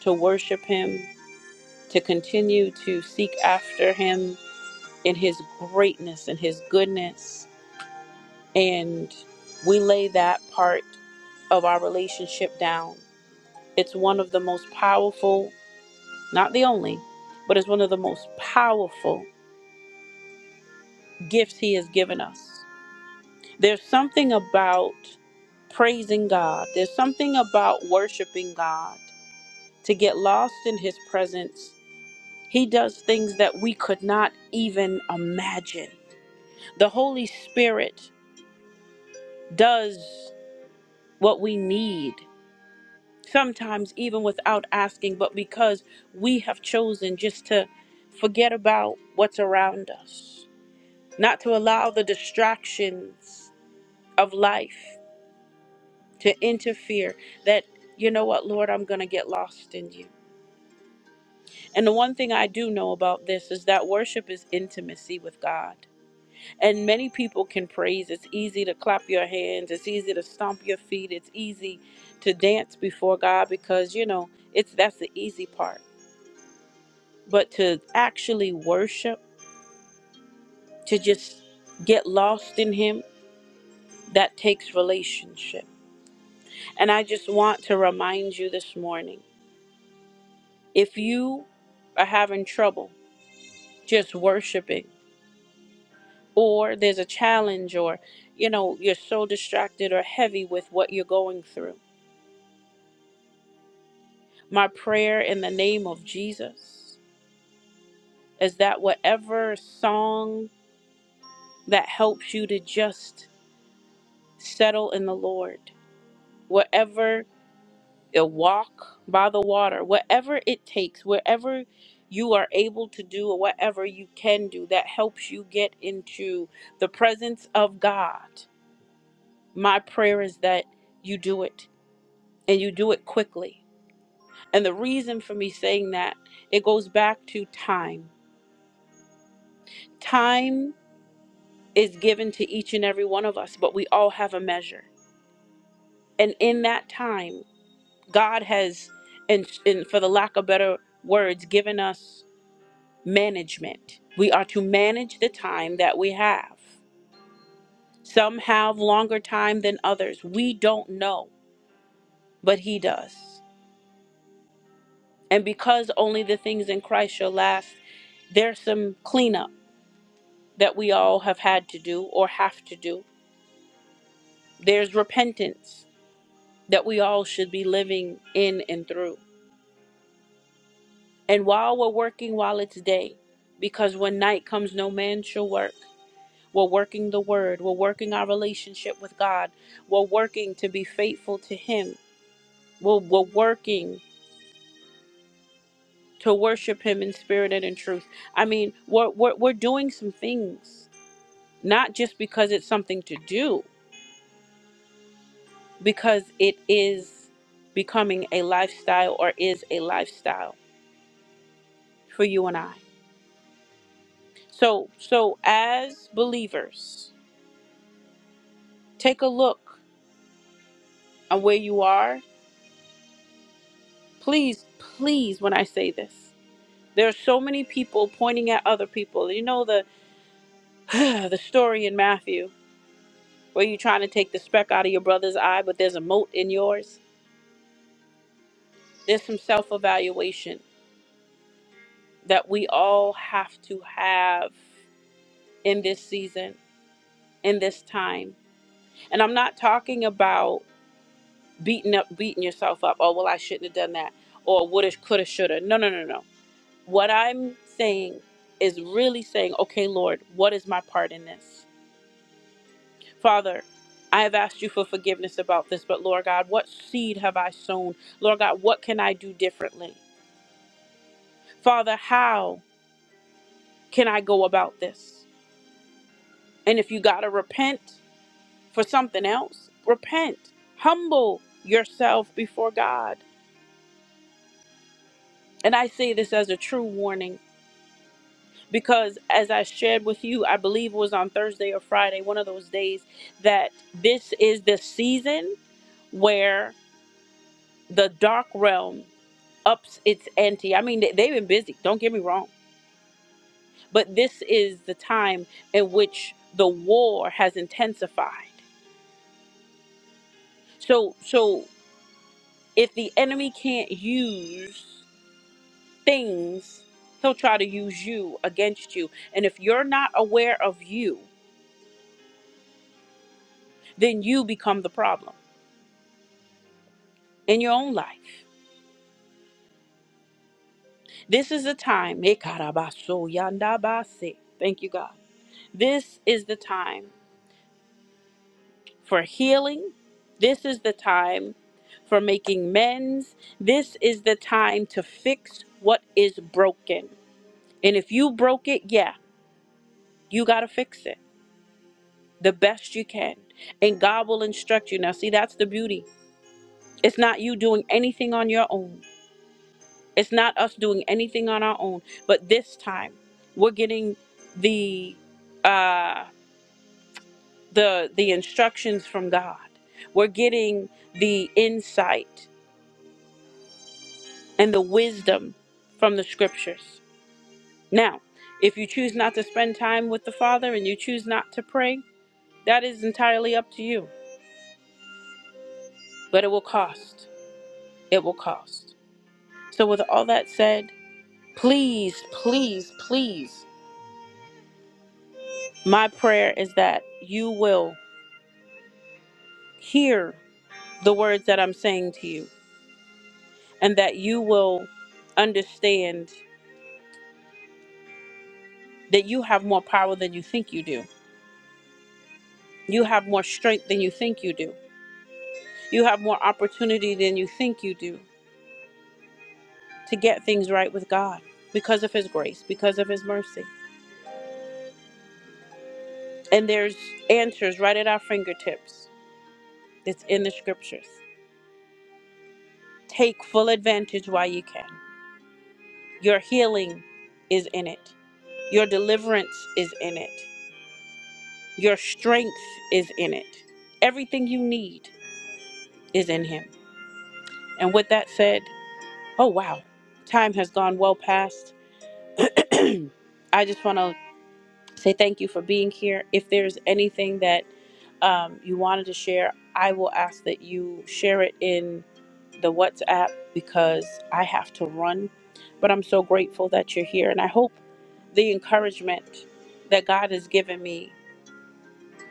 A: to worship Him, to continue to seek after Him in His greatness and His goodness. And we lay that part of our relationship down. It's one of the most powerful, not the only, but it's one of the most powerful gifts He has given us. There's something about praising God, there's something about worshiping God to get lost in His presence He does things that we could not even imagine. The Holy Spirit does what we need, sometimes even without asking, but because we have chosen just to forget about what's around us, not to allow the distractions of life to interfere, that, you know what, Lord, I'm going to get lost in you. And the one thing I do know about this is that worship is intimacy with God. And many people can praise. It's easy to clap your hands. It's easy to stomp your feet. It's easy to dance before God because you know it's that's the easy part. But to actually worship, to just get lost in Him, that takes relationship. And I just want to remind you this morning: if you are having trouble just worshiping, or there's a challenge, or you know you're so distracted or heavy with what you're going through My prayer in the name of Jesus is that whatever song that helps you to just settle in the Lord, whatever a walk by the water, whatever it takes, wherever you are able to do or whatever you can do that helps you get into the presence of God, my prayer is that you do it and you do it quickly. And the reason for me saying that, it goes back to time. Time is given to each and every one of us, but we all have a measure. And in that time, God has, and, and for the lack of better words, given us management. We are to manage the time that we have. Some have longer time than others. We don't know, but He does. And because only the things in Christ shall last, there's some cleanup that we all have had to do or have to do. There's repentance that we all should be living in and through And while we're working while it's day, because when night comes, no man shall work. We're working the word, we're working our relationship with God, we're working to be faithful to Him, we're, we're working to worship Him in spirit and in truth. I mean, we're, we're, we're doing some things, not just because it's something to do, because it is becoming a lifestyle or is a lifestyle for you and I. So, so as believers, take a look and where you are, please, please, when I say this, there are so many people pointing at other people. You know the the story in Matthew where you're trying to take the speck out of your brother's eye, but there's a mote in yours. There's some self-evaluation that we all have to have in this season, in this time. And I'm not talking about beating up beating yourself up. Oh well I shouldn't have done that. Or woulda, coulda, shoulda. No, no, no, no. What I'm saying is really saying, okay, Lord, what is my part in this? Father, I have asked you for forgiveness about this, but Lord God, what seed have I sown? Lord God, what can I do differently? Father, how can I go about this? And if you got to repent for something else, repent. Humble yourself before God. And I say this as a true warning because as I shared with you, I believe it was on Thursday or Friday, one of those days, that this is the season where the dark realm ups its ante. I mean, they- they've been busy, don't get me wrong, but this is the time in which the war has intensified. So, so if the enemy can't use things, he'll try to use you against you. And if you're not aware of you, then you become the problem in your own life This is the time. Ekarabaso yandabase. Thank you, God. This is the time for healing. This is the time for making amends. This is the time to fix what is broken. And if you broke it, yeah, you got to fix it the best you can. And God will instruct you. Now, see, that's the beauty. It's not you doing anything on your own, it's not us doing anything on our own. But this time, we're getting the. Uh, the the instructions from God. We're getting the insight and the wisdom from the scriptures. Now, if you choose not to spend time with the Father and you choose not to pray, that is entirely up to you, but it will cost. It will cost. So with all that said, please, please, please, my prayer is that you will hear the words that I'm saying to you and that you will understand that you have more power than you think you do. You have more strength than you think you do. You have more opportunity than you think you do to get things right with God because of His grace, because of His mercy. And there's answers right at our fingertips It's in the scriptures. Take full advantage while you can. Your healing is in it, your deliverance is in it, your strength is in it. Everything you need is in Him. And with that said, Oh, wow. Time has gone well past. I just want to say thank you for being here. If there's anything that um, you wanted to share, I will ask that you share it in the WhatsApp because I have to run. But I'm so grateful that you're here. And I hope the encouragement that God has given me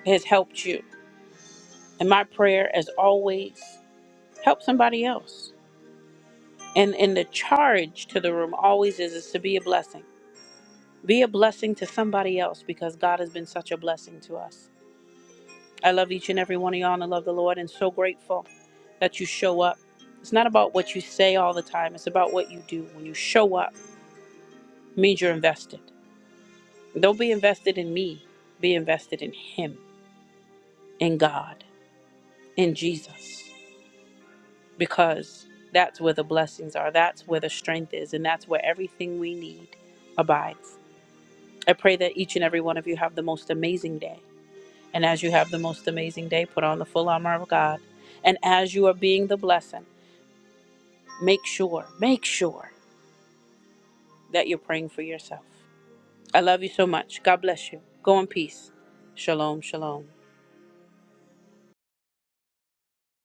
A: has helped you. And my prayer, as always, help somebody else. And, and the charge to the room always is, is to be a blessing Be a blessing to somebody else because God has been such a blessing to us. I love each and every one of y'all and I love the Lord and so grateful that you show up. It's not about what you say all the time, it's about what you do. When you show up, it means you're invested. Don't be invested in me, be invested in Him, in God, in Jesus, because that's where the blessings are, that's where the strength is, and that's where everything we need abides. I pray that each and every one of you have the most amazing day. And as you have the most amazing day, put on the full armor of God. And as you are being the blessing, make sure, make sure that you're praying for yourself. I love you so much. God bless you. Go in peace. Shalom, shalom.